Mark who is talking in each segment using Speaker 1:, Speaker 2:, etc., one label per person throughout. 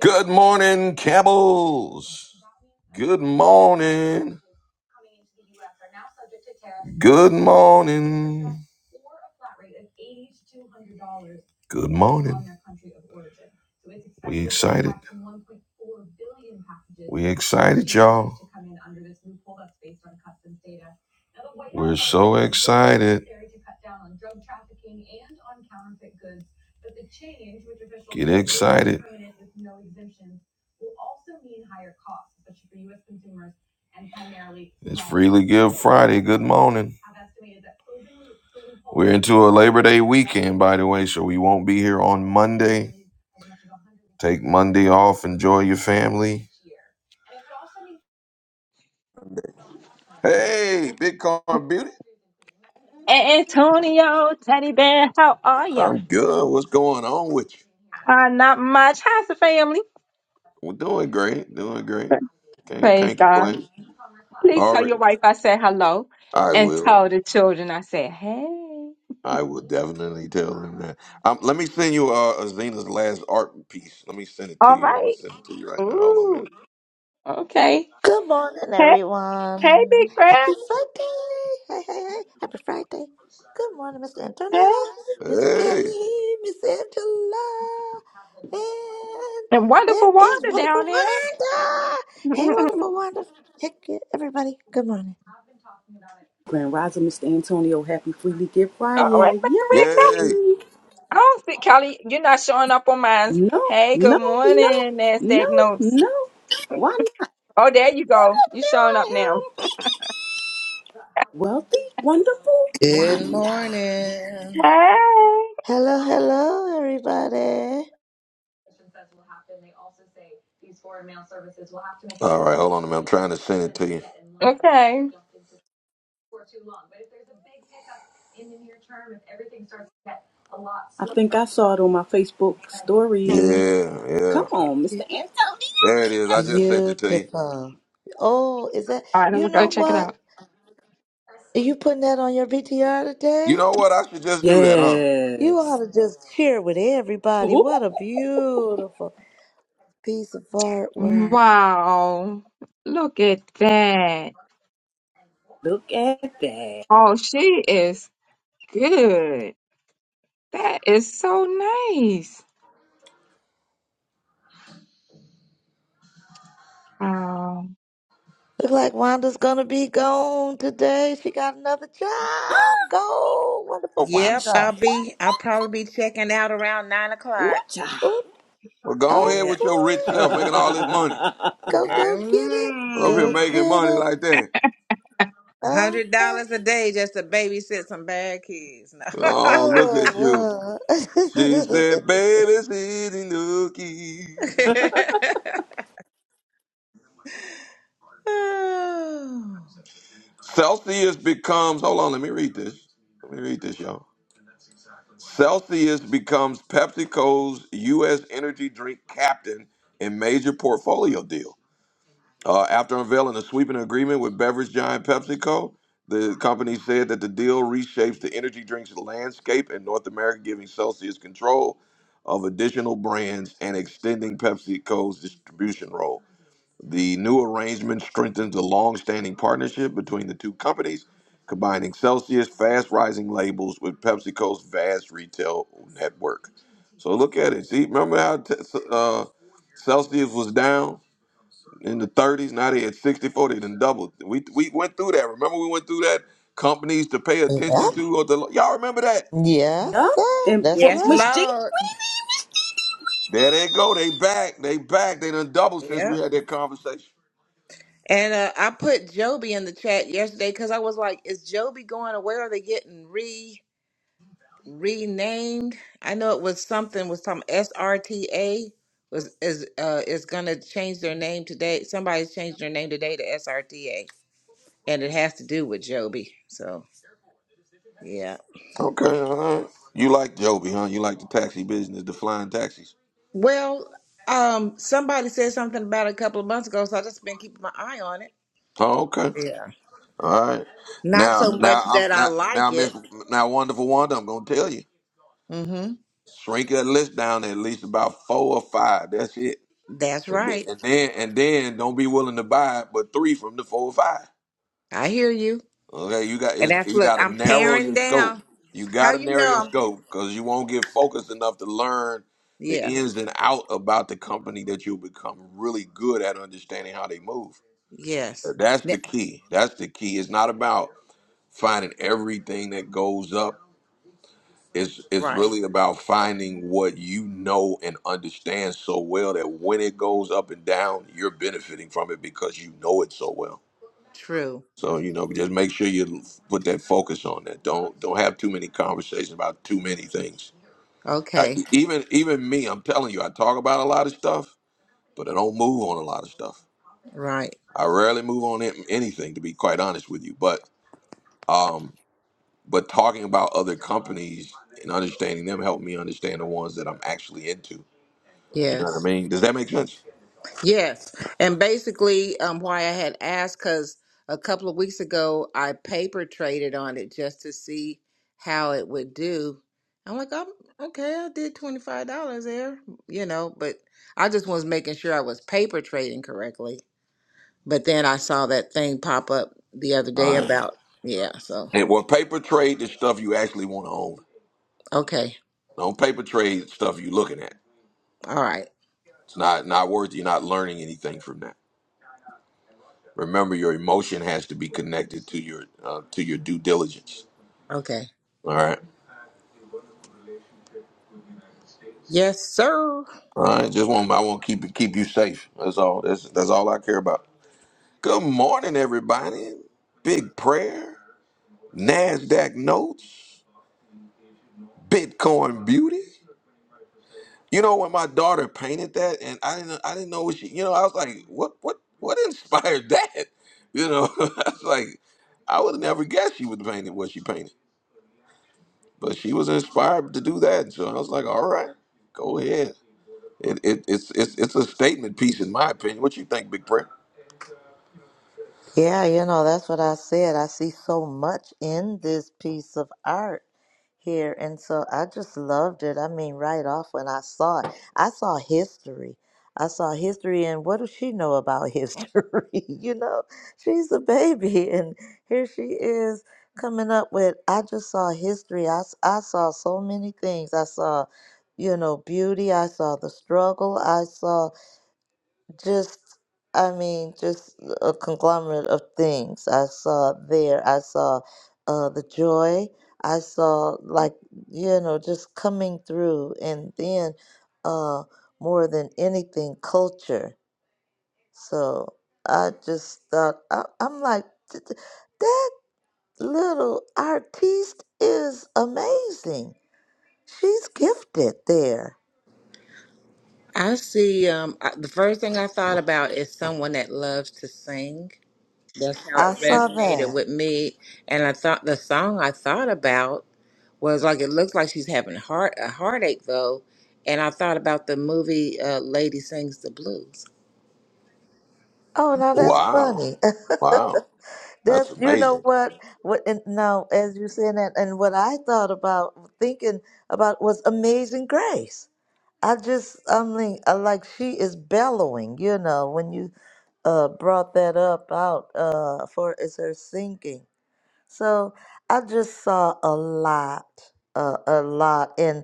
Speaker 1: Good morning, Camels. Good morning. Good morning. Good morning. We excited. We excited, y'all. We're so excited. Get excited. It's Freely Give Friday. Good morning. We're into a Labor Day weekend, by the way, so we won't be here on Monday. Take Monday off. Enjoy your family. Hey, Big Car Beauty.
Speaker 2: Antonio, Teddy Bear, how are ya?
Speaker 1: I'm good. What's going on with you?
Speaker 2: Uh, not much. How's the family?
Speaker 1: We're doing great. Doing great. Can't
Speaker 2: Praise
Speaker 1: can't
Speaker 2: God.
Speaker 1: complain.
Speaker 2: Please
Speaker 1: All
Speaker 2: tell
Speaker 1: right,
Speaker 2: your wife I said hello
Speaker 1: I
Speaker 2: and
Speaker 1: will.
Speaker 2: tell the children I said, hey.
Speaker 1: I will definitely tell him that. Um, let me send you uh, Zena's last art piece. Let me send it to
Speaker 2: All
Speaker 1: you. I'm gonna
Speaker 2: right.
Speaker 1: send it to you right now. Hold on a minute.
Speaker 2: Ooh, okay.
Speaker 3: Good morning,
Speaker 2: Hey, hey, Big
Speaker 3: everyone.
Speaker 2: Bear.
Speaker 3: Happy Friday. Hey, hey, hey. Happy Friday. Good morning, Mr. Antonio,
Speaker 2: Hey.
Speaker 3: Miss
Speaker 1: Hey,
Speaker 3: Kelly, Miss Angela, and
Speaker 2: And
Speaker 3: there
Speaker 2: wonderful
Speaker 3: is
Speaker 2: Wanda,
Speaker 3: wonderful
Speaker 2: down there.
Speaker 3: Wanda. Hey,
Speaker 2: oh,
Speaker 3: wonderful Wanda. Hey, everybody. Good morning.
Speaker 4: Grand Rising, Mr. Antonio, happy Freely Give
Speaker 2: wait,
Speaker 4: Friday.
Speaker 2: wait, Kelly.
Speaker 1: yay!
Speaker 4: Yay!
Speaker 2: I don't see Kelly. You're not showing up on mine.
Speaker 4: No,
Speaker 2: Hey, good
Speaker 4: no, no,
Speaker 2: morning,
Speaker 4: no,
Speaker 2: NASDAQ notes.
Speaker 4: no. Why not?
Speaker 2: Oh, there you go. You
Speaker 4: There
Speaker 2: showing up
Speaker 4: I
Speaker 2: now.
Speaker 4: am. Wealthy, wonderful,
Speaker 5: Good
Speaker 4: Wanda.
Speaker 5: morning.
Speaker 2: Hey.
Speaker 3: Hello, hello, everybody.
Speaker 1: All right, hold on a minute. I'm trying to send it to you.
Speaker 2: Okay.
Speaker 4: I think I saw it on my Facebook stories.
Speaker 1: Yeah, yeah.
Speaker 4: Come on, Mr. Antonio.
Speaker 1: There it is. I just sent it to you.
Speaker 3: Beautiful. Oh, is that,
Speaker 2: All right, I'm
Speaker 3: you
Speaker 2: gonna go
Speaker 3: know
Speaker 2: check it
Speaker 3: what?
Speaker 2: out.
Speaker 3: Are you putting that on your VTR
Speaker 1: You
Speaker 3: today?
Speaker 1: know what? I should just do that, huh?
Speaker 3: You ought
Speaker 4: Yes.
Speaker 3: to just cheer with everybody.
Speaker 4: Ooh,
Speaker 3: What a beautiful piece of artwork.
Speaker 2: Wow, look at that.
Speaker 4: look at that.
Speaker 2: Oh, she is good. That is so nice. Wow.
Speaker 3: Look like Wanda's gonna be gone today. She got another job. Go, wonderful
Speaker 5: Yep,
Speaker 3: Wanda.
Speaker 5: I'll be. I'll probably be checking out around nine o'clock.
Speaker 4: Ooh-cha.
Speaker 3: Ooh,
Speaker 1: Well,
Speaker 3: okay.
Speaker 1: go ahead
Speaker 5: Yeah,
Speaker 1: with your rich self making all this money.
Speaker 3: Go, go
Speaker 5: girl.
Speaker 3: get it.
Speaker 1: Up here
Speaker 3: Go
Speaker 5: Mm.
Speaker 1: making
Speaker 3: get
Speaker 1: money
Speaker 3: her.
Speaker 1: like that.
Speaker 5: A Hundred
Speaker 3: Okay.
Speaker 5: dollars a day just to babysit some bad kids. No.
Speaker 1: Oh, look at you.
Speaker 3: Oh,
Speaker 1: She
Speaker 3: well.
Speaker 1: said, baby, it's easy nookie.
Speaker 5: Oh.
Speaker 1: Celsius becomes, hold on, let me read this. Let me read this, y'all. Celsius becomes PepsiCo's U.S. energy drink captain in major portfolio deal. Uh, after unveiling a sweeping agreement with beverage giant PepsiCo, the company said that the deal reshapes the energy drinks landscape in North America, giving Celsius control of additional brands and extending PepsiCo's distribution role. The new arrangement strengthens the long-standing partnership between the two companies, combining Celsius' fast-rising labels with PepsiCo's vast retail network. So look at it. See, remember how t- uh, Celsius was down in the 30s? Now they at 64. They done doubled. We we went through that. Remember we went through that. Companies to pay attention
Speaker 3: yep.
Speaker 1: to. Or the, y'all remember that?
Speaker 3: Yes,
Speaker 4: yeah,
Speaker 3: sir.
Speaker 4: and
Speaker 3: That's
Speaker 4: for
Speaker 5: yes,
Speaker 3: right.
Speaker 4: Miss Jean
Speaker 5: Lord.
Speaker 1: There they go. They back. They back. They done doubled since we
Speaker 5: Yep.
Speaker 1: had that conversation.
Speaker 5: And uh, I put Joby in the chat yesterday because I was like, "Is Joby going to where are they getting re?" renamed. I know it was something with some SRTA was is uh is gonna change their name today. Somebody's changed their name today to SRTA, and it has to do with Joby. So yeah.
Speaker 1: Okay, all right. You like Joby, huh? You like the taxi business, the flying taxis.
Speaker 5: Well, um, somebody said something about it a couple of months ago, so I just been keeping my eye on it.
Speaker 1: Oh, okay.
Speaker 5: Yeah.
Speaker 1: All right.
Speaker 5: Not
Speaker 1: Now,
Speaker 5: so much
Speaker 1: now I'm
Speaker 5: that I
Speaker 1: now now
Speaker 5: like it.
Speaker 1: Miss now wonderful Wanda. I'm gonna tell you,
Speaker 5: Mm-hmm.
Speaker 1: shrink that list down to at least about four or five. That's it.
Speaker 5: That's
Speaker 1: And then
Speaker 5: right.
Speaker 1: and then and then don't be willing to buy it, but three from the four or five.
Speaker 5: I hear you.
Speaker 1: Okay, you got
Speaker 5: And
Speaker 1: it's,
Speaker 5: that's
Speaker 1: you
Speaker 5: look,
Speaker 1: got to
Speaker 5: I'm
Speaker 1: narrow
Speaker 5: paring
Speaker 1: your scope.
Speaker 5: down.
Speaker 1: You got
Speaker 5: How
Speaker 1: to
Speaker 5: you
Speaker 1: narrow your
Speaker 5: know I'm
Speaker 1: scope because you won't get focused enough to learn the
Speaker 5: yeah.
Speaker 1: ins and out about the company that you'll become really good at understanding how they move.
Speaker 5: Yes.
Speaker 1: That's the
Speaker 5: Ne-
Speaker 1: key. That's the key. It's not about finding everything that goes up. It's it's
Speaker 5: right.
Speaker 1: really about finding what you know and understand so well that when it goes up and down, you're benefiting from it because you know it so well.
Speaker 5: True.
Speaker 1: So you know, just make sure you put that focus on that. Don't don't have too many conversations about too many things. I,
Speaker 5: Okay,
Speaker 1: even even me, I'm telling you, I talk about a lot of stuff, but I don't move on a lot of stuff.
Speaker 5: right.
Speaker 1: I rarely move on it- anything, to be quite honest with you. But um, But talking about other companies and understanding them helped me understand the ones that I'm actually into. You know what I
Speaker 5: Yes.
Speaker 1: mean? Does that make sense?
Speaker 5: Yes. And basically, um, why I had asked, because a couple of weeks ago, I paper traded on it just to see how it would do. I'm like, I'm okay, I did $25 there, you know, but I just was making sure I was paper trading correctly. But then I saw that thing pop up the other
Speaker 1: All
Speaker 5: day
Speaker 1: right.
Speaker 5: about, yeah, so,
Speaker 1: And well, paper trade is stuff you actually want to own.
Speaker 5: okay.
Speaker 1: Don't paper trade stuff you're looking at.
Speaker 5: All right.
Speaker 1: It's not not worth. You're not learning anything from that. Remember, your emotion has to be connected to your uh, to your due diligence.
Speaker 5: Okay.
Speaker 1: All right.
Speaker 5: Yes, sir.
Speaker 1: All right. Just want I want to keep it keep you safe. That's all. That's that's all I care about. Good morning, everybody. Big prayer. Nasdaq notes. Bitcoin beauty. You know when my daughter painted that, and I didn't, I didn't know what she. You know, I was like, what, what, what inspired that? You know, I was like, I would have never guess she would paint it what she painted, but she was inspired to do that. So I was like, all right, go ahead. It, it, it's, it's, it's a statement piece in my opinion. What you think, Big Prayer?
Speaker 3: Yeah, you know, that's what I said. I see so much in this piece of art here. And so I just loved it. I mean, right off when I saw it, I saw history. I saw history, and what does she know about history? you know, she's a baby, and here she is coming up with, I just saw history. I, s- I saw so many things. I saw, you know, beauty. I saw the struggle. I saw just I mean, just a conglomerate of things. I saw there. I saw uh, the joy. I saw like you know just coming through, and then uh, more than anything, culture. So I just thought I, I'm like "Th- th- that little artiste is amazing. She's gifted there.
Speaker 5: I see. Um, I, the first thing I thought about is someone that loves to sing. That's how
Speaker 3: I
Speaker 5: it
Speaker 3: saw
Speaker 5: resonated
Speaker 3: that.
Speaker 5: with me. And I thought the song I thought about was like it looks like she's having heart a heartache though. And I thought about the movie uh, "Lady Sings the Blues."
Speaker 3: Oh, now that's
Speaker 1: Wow,
Speaker 3: funny.
Speaker 1: wow, that's
Speaker 3: That's you know
Speaker 1: amazing.
Speaker 3: what what and now as you saying that and what I thought about thinking about was Amazing Grace. I just I'm like, I like she is bellowing, you know, when you uh brought that up out uh for is her singing. So I just saw a lot, uh, a lot, and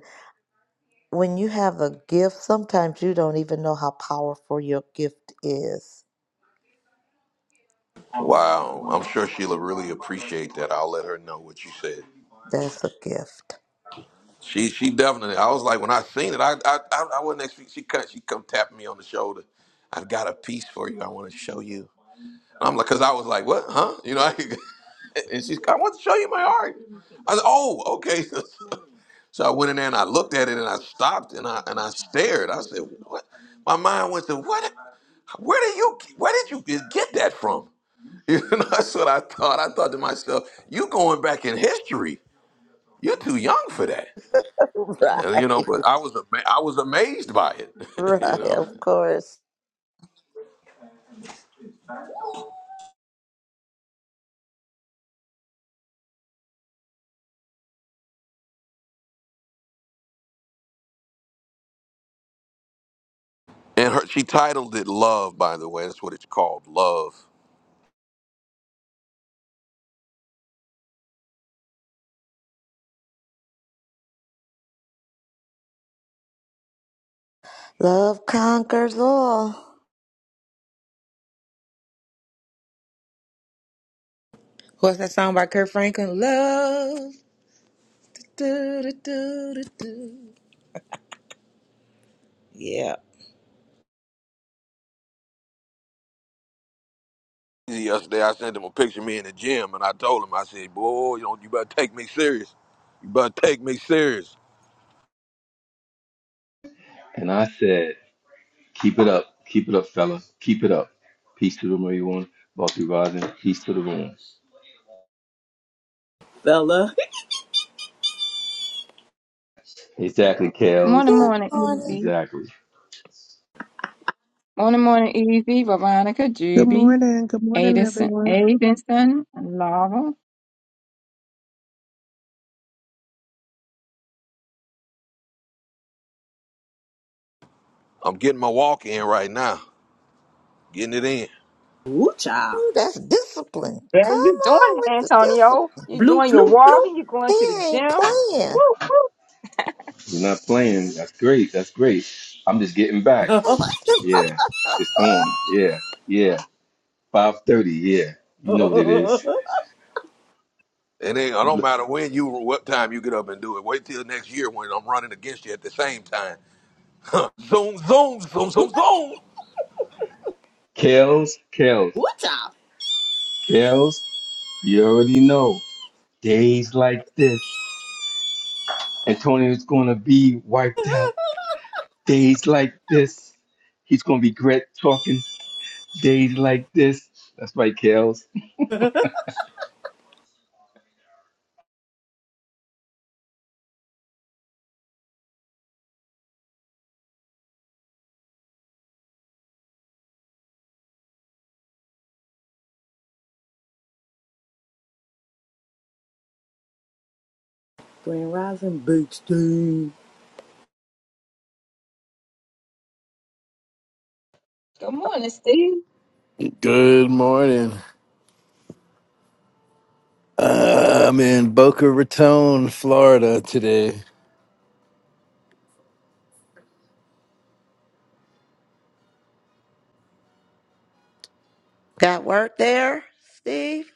Speaker 3: when you have a gift, sometimes you don't even know how powerful your gift is.
Speaker 1: Wow, I'm sure she'll really appreciate that. I'll let her know what you said.
Speaker 3: That's a gift,
Speaker 1: She she definitely. I was like when I seen it, I I I, I wasn't expecting. She cut. She come tapping me on the shoulder. I've got a piece for you. I want to show you. And I'm like, cause I was like, what, huh? You know. I, and she's, I want to show you my art. I said, oh, okay. so I went in there and I looked at it and I stopped and I and I stared. I said, what? My mind went to what? Where did you? Where did you get that from? You know, that's what I thought. I thought to myself, you going back in history. You're too young for that.
Speaker 3: right?
Speaker 1: And, you know, but I was ama- I was amazed by it, you
Speaker 3: Right,
Speaker 1: know.
Speaker 3: of course.
Speaker 1: And her, she titled it "Love," by the way. That's what it's called, "Love."
Speaker 3: Love conquers all.
Speaker 5: What's that song by Kurt Franklin? Love. Do, do, do, do, do. Yeah.
Speaker 1: Yesterday, I sent him a picture of me in the gym, and I told him, I said, "Boy, you know, you better take me serious. You better take me serious.
Speaker 6: And I said, keep it up. Keep it up, fella. Keep it up. Peace to the room, everyone. Bucky Rising, peace to the room.
Speaker 4: Fella.
Speaker 6: Exactly, Kels.
Speaker 2: Morning,
Speaker 3: Good
Speaker 2: morning,
Speaker 3: morning.
Speaker 2: Easy.
Speaker 6: Exactly.
Speaker 2: Morning, morning, Easy. Veronica,
Speaker 7: Good
Speaker 2: Juby,
Speaker 7: morning. Good morning,
Speaker 2: Addison,
Speaker 7: everyone.
Speaker 2: Addison, Laura.
Speaker 1: I'm getting my walk in right now, getting it in.
Speaker 4: Ooh-cha.
Speaker 3: Ooh, that's discipline. Come
Speaker 2: Yeah, you
Speaker 3: on
Speaker 2: doing it,
Speaker 3: with the
Speaker 2: Antonio.
Speaker 3: discipline.
Speaker 2: You're
Speaker 4: Bloop,
Speaker 2: doing your
Speaker 4: bloop, bloop.
Speaker 2: walking. You're going to
Speaker 3: He
Speaker 2: the
Speaker 3: ain't
Speaker 2: gym. Woo,
Speaker 3: playing.
Speaker 2: woo.
Speaker 6: You're not playing. That's great. That's great. I'm just getting back. Yeah. It's on. Yeah. Yeah. 5.30. Yeah. You know what it is.
Speaker 1: And it, it don't
Speaker 6: L-
Speaker 1: matter when you, what time you get up and do it. Wait till next year when I'm running against you at the same time. Zoom, zoom, zoom, zoom, zoom.
Speaker 6: Kels, Kels,
Speaker 4: what y'all?
Speaker 6: Kels, you already know. Days like this, Antonio's going to be wiped out. Days like this, he's going to regret talking Days like this. That's my Kels.
Speaker 4: Grand Rising Big Steve.
Speaker 2: Good morning, Steve.
Speaker 8: Good morning. Uh, I'm in Boca Raton, Florida today.
Speaker 3: Got work there, Steve?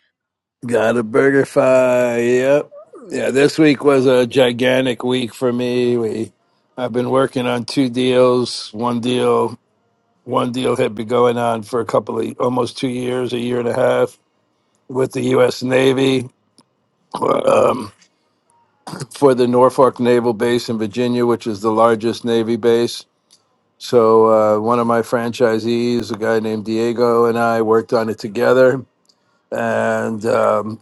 Speaker 8: Got a burger fi. Yep.
Speaker 3: Ooh,
Speaker 8: Yeah, this week was a gigantic week for me. We I've been working on two deals. One deal, one deal had been going on for a couple of almost 2 years, a year and a half with the US Navy um, for the Norfolk Naval Base in Virginia, which is the largest Navy base. So uh, one of my franchisees, a guy named Diego, and I worked on it together, and um,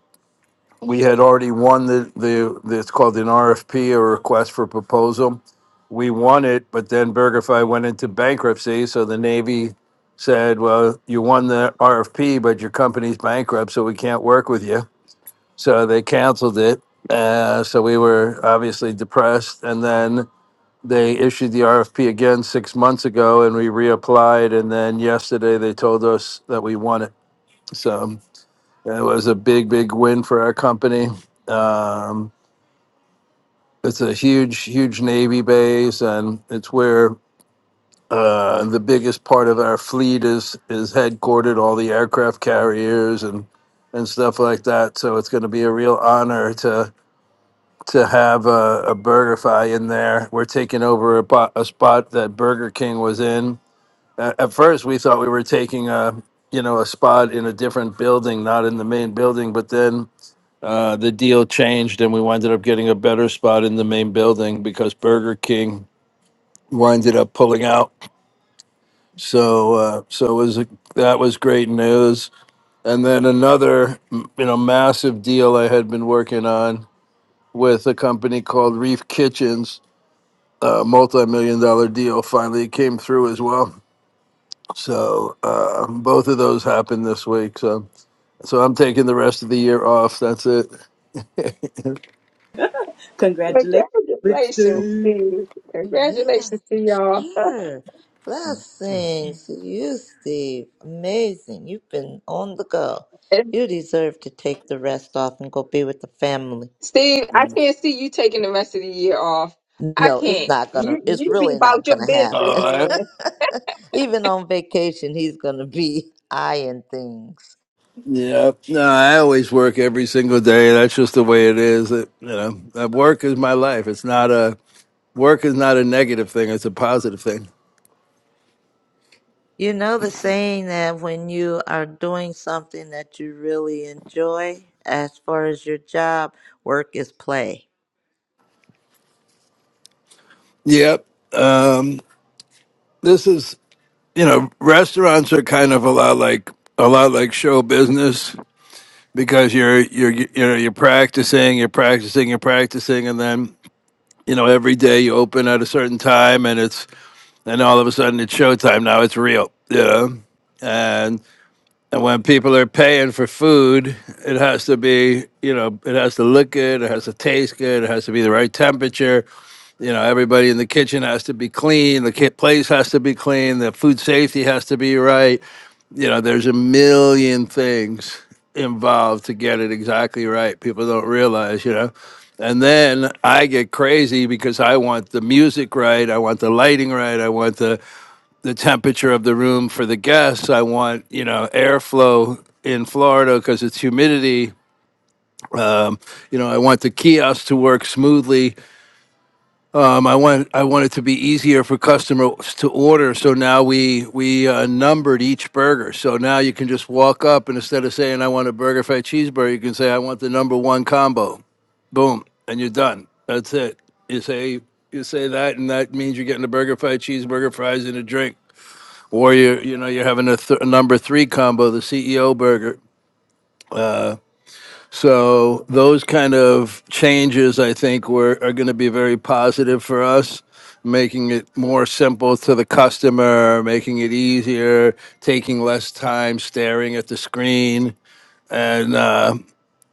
Speaker 8: we had already won the, the the it's called an RFP, a request for proposal. We won it, but then BurgerFi went into bankruptcy, so the Navy said, "Well, you won the RFP, but your company's bankrupt, so we can't work with you." So they canceled it. Uh, so we were obviously depressed, and then they issued the RFP again six months ago and we reapplied. And then yesterday they told us that we won it. So it was a big, big win for our company. Um, it's a huge, huge Navy base and it's where uh, the biggest part of our fleet is, is headquartered, all the aircraft carriers and, and stuff like that. So it's going to be a real honor to to have a, a BurgerFi in there. We're taking over a, bo- a spot that Burger King was in at, at first we thought we were taking a you know a spot in a different building not in the main building but then uh, the deal changed and we winded up getting a better spot in the main building because burger king winded up pulling out so uh, so it was a, that was great news and then another m- you know massive deal i had been working on with a company called reef kitchens a multi-million dollar deal finally came through as well so uh, both of those happened this week. So So I'm taking the rest of the year off. That's it. Okay.
Speaker 4: Congratulations, Big
Speaker 2: Congratulations,
Speaker 4: Steve.
Speaker 2: Steve.
Speaker 3: Yes,
Speaker 2: Congratulations to y'all.
Speaker 3: sure. Blessings to you, Steve. Amazing. You've been on the go. You deserve to take the rest off and go be with the family.
Speaker 2: Steve, I can't see you taking the rest of the year off. I
Speaker 3: No, it's
Speaker 2: can't.
Speaker 3: not gonna,
Speaker 2: You
Speaker 3: it's
Speaker 2: you be
Speaker 3: really not
Speaker 2: about your
Speaker 3: gonna
Speaker 2: business,
Speaker 8: Oh, I,
Speaker 2: man.
Speaker 3: happen. Even on vacation, he's gonna be eyeing things.
Speaker 8: yeah. No, I always work every single day. That's just the way it is. It, you know, that work is my life. It's not a work is not a negative thing. It's a positive thing.
Speaker 3: You know the saying that when you are doing something that you really enjoy, as far as your job, work is play.
Speaker 8: Yep. Um, this is you know, restaurants are kind of a lot like a lot like show business because you're you're you know you're practicing, you're practicing, you're practicing, and then you know every day you open at a certain time and it's and all of a sudden it's showtime now it's real you know and and when people are paying for food it has to be you know it has to look good it has to taste good it has to be the right temperature you know everybody in the kitchen has to be clean the ki- place has to be clean the food safety has to be right you know there's a million things involved to get it exactly right people don't realize you know and then I get crazy because I want the music right, I want the lighting right, I want the the temperature of the room for the guests. I want you know airflow in Florida because it's humidity. Um, you know, I want the kiosk to work smoothly. Um, I want I want it to be easier for customers to order. So now we we uh, numbered each burger. So now you can just walk up and instead of saying I want a burger fat cheeseburger, you can say I want the number one combo. Boom, and you're done. That's it. You say you say that, and that means you're getting a burger, fried cheeseburger, fries, and a drink or you you know you're having a, th- a number three combo, the CEO burger. So those kind of changes, I think, were are going to be very positive for us, making it more simple to the customer, making it easier, taking less time staring at the screen, and uh,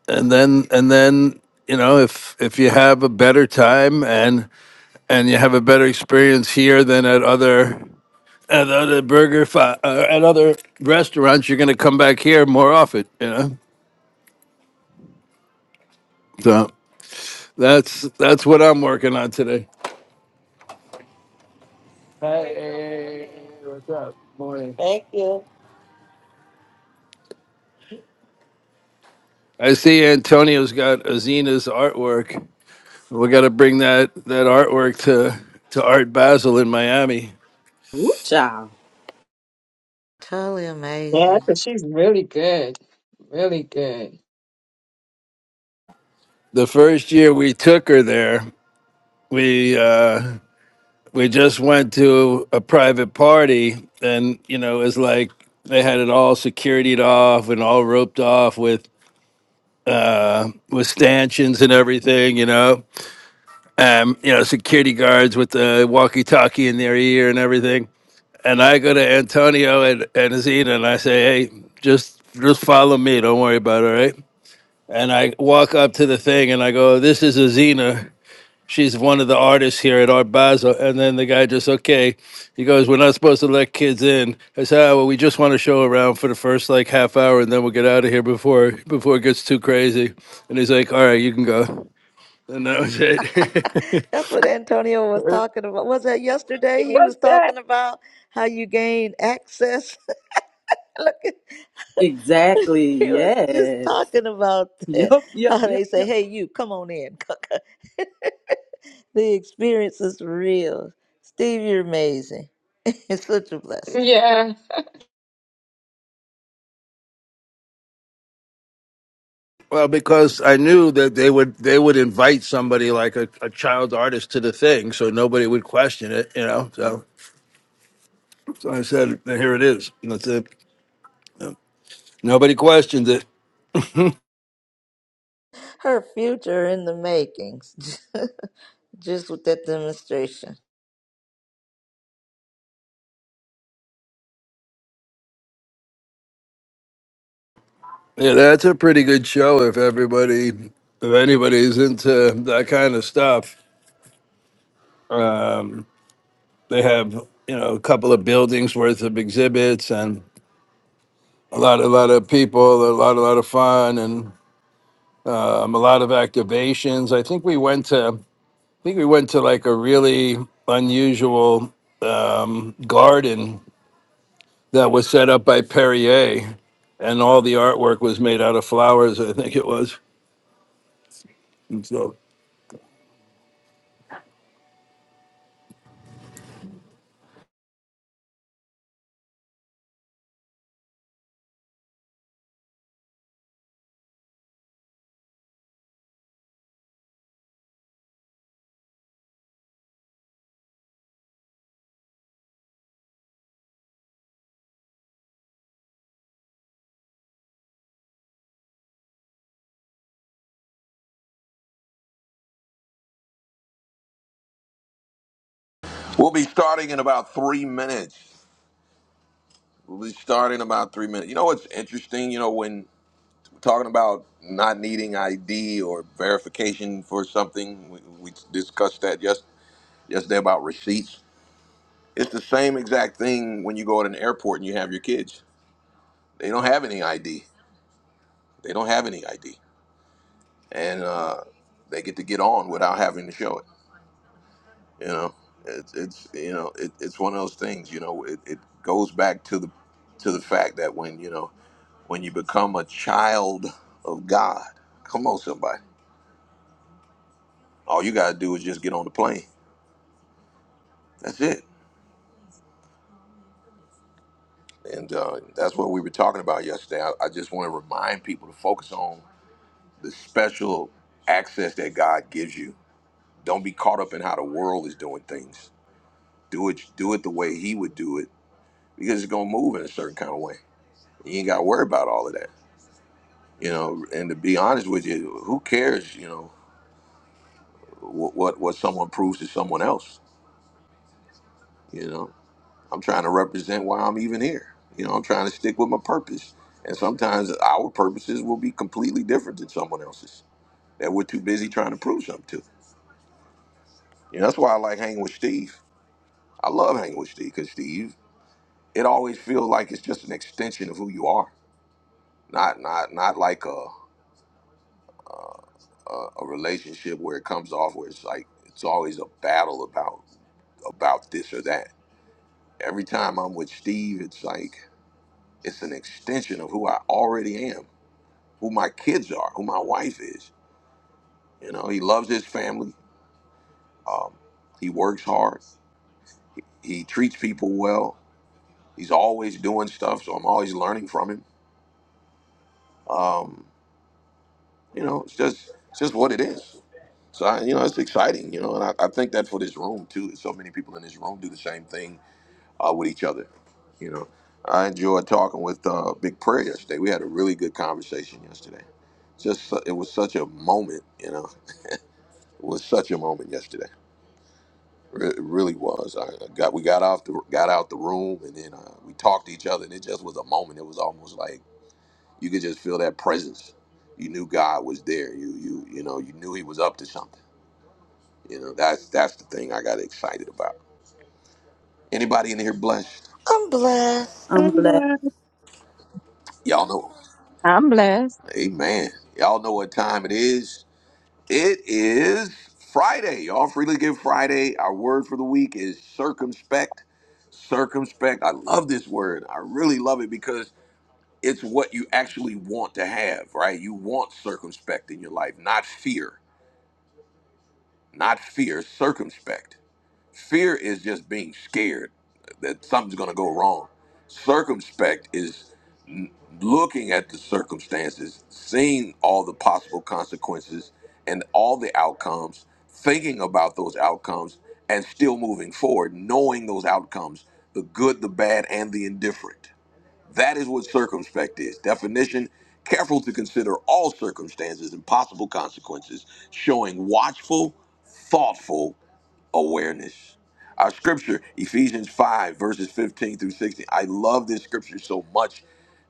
Speaker 8: and then and then you know if if you have a better time and and you have a better experience here than at other at other burger fi- uh, at other restaurants you're going to come back here more often you know so that's that's what i'm working on today Thank you. i see antonio's got azina's artwork we got to bring that that artwork to to art basel in miami
Speaker 4: Woo child.
Speaker 3: Totally
Speaker 2: Yeah,
Speaker 3: amazing.
Speaker 2: because she's really good. Really good.
Speaker 8: the first year we took her there we uh we just went to a private party and you know it was like they had it all securityed off and all roped off with. uh, with stanchions and everything, you know, um, you know, security guards with the walkie-talkie in their ear and everything. And I go to Antonio and, and Azina and I say, hey, just just follow me. Don't worry about it, all right? And I walk up to the thing and I go, this is Azina she's one of the artists here at Art Basel. And then the guy just, okay, he goes, we're not supposed to let kids in. I said, ah, well, we just want to show around for the first like half hour and then we'll get out of here before before it gets too crazy. And he's like, all right, you can go. And that was it.
Speaker 3: That's what Antonio was talking about. Was that yesterday?
Speaker 2: It
Speaker 3: He was
Speaker 2: worked that.
Speaker 3: talking about how you gain access. Look, at,
Speaker 4: Exactly.
Speaker 3: he was just
Speaker 4: Yes.
Speaker 3: talking about that.
Speaker 4: Yup,
Speaker 3: How
Speaker 4: yup,
Speaker 3: they
Speaker 4: yup,
Speaker 3: say,
Speaker 4: yup.
Speaker 3: "Hey, you, come on in." the experience is real. Steve, you're amazing. It's such a blessing.
Speaker 2: Yeah.
Speaker 8: well, because I knew that they would they would invite somebody like a, a child artist to the thing, so nobody would question it, you know. So, so I said, here it is. And that's it. Nobody questioned it.
Speaker 3: Her future in the makings. Just with that demonstration.
Speaker 8: Yeah, that's a pretty good show if everybody, if anybody's into that kind of stuff. Um, they have, you know, a couple of buildings worth of exhibits and a lot, a lot of people, a lot, a lot of fun and um, a lot of activations. I think we went to, I think we went to like a really unusual um, garden that was set up by Perrier and all the artwork was made out of flowers. I think it was. And so,
Speaker 1: We'll be starting in about three minutes. We'll be starting about three minutes. You know what's interesting? You know, when we're talking about not needing ID or verification for something, we, we discussed that yes, yesterday about receipts. It's the same exact thing when you go at an airport and you have your kids. They don't have any ID. They don't have any ID. And uh, they get to get on without having to show it. you know it's it's you know it, it's one of those things you know it, it goes back to the to the fact that when you know when you become a child of god come on somebody all you got to do is just get on the plane that's it and uh, that's what we were talking about yesterday I, I just want to remind people to focus on the special access that god gives you don't be caught up in how the world is doing things do it do it the way he would do it because it's going to move in a certain kind of way you ain't got to worry about all of that you know and to be honest with you who cares you know what what, what someone proves to someone else you know i'm trying to represent why i'm even here you know i'm trying to stick with my purpose and sometimes our purposes will be completely different than someone else's that we're too busy trying to prove something to you know that's why i like hanging with steve i love hanging with steve because steve it always feels like it's just an extension of who you are not not not like a uh, a, a relationship where it comes off where it's like it's always a battle about about this or that. Every time I'm with Steve, it's like it's an extension of who I already am, who my kids are, who my wife is. You know, he loves his family. Um, he works hard. He treats people well. He's always doing stuff, so I'm always learning from him. Um, You know, it's just it's just what it is. So I, you know, it's exciting. You know, and I, I think that for this room too. So many people in this room do the same thing uh, with each other. You know, I enjoyed talking with uh, Big Prayer yesterday. We had a really good conversation yesterday. Just su- it was such a moment. You know, it was such a moment yesterday. Re- It really was. I I got we got off the got out the room and then uh, we talked to each other and it just was a moment. It was almost like you could just feel that presence. You knew God was there. You you you know you knew He was up to something You know, that's that's the thing I got excited about. Anybody in here blessed?
Speaker 3: I'm blessed.
Speaker 4: I'm
Speaker 7: I'm
Speaker 4: blessed.
Speaker 7: glad.
Speaker 1: Y'all know.
Speaker 2: I'm blessed.
Speaker 1: Amen. Y'all know what time it is. It is Friday. Y'all freely give Friday. Our word for the week is circumspect. Circumspect. I love this word. I really love it because it's what you actually want to have, right? You want circumspect in your life, not fear. Not fear, circumspect. Fear is just being scared that something's going to go wrong. Circumspect is n- looking at the circumstances, seeing all the possible consequences and all the outcomes, thinking about those outcomes, and still moving forward, knowing those outcomes the good, the bad, and the indifferent. That is what circumspect is. Definition careful to consider all circumstances and possible consequences, showing watchful, thoughtful, awareness. Our scripture, Ephesians 5, verses 15 through 16. I love this scripture so much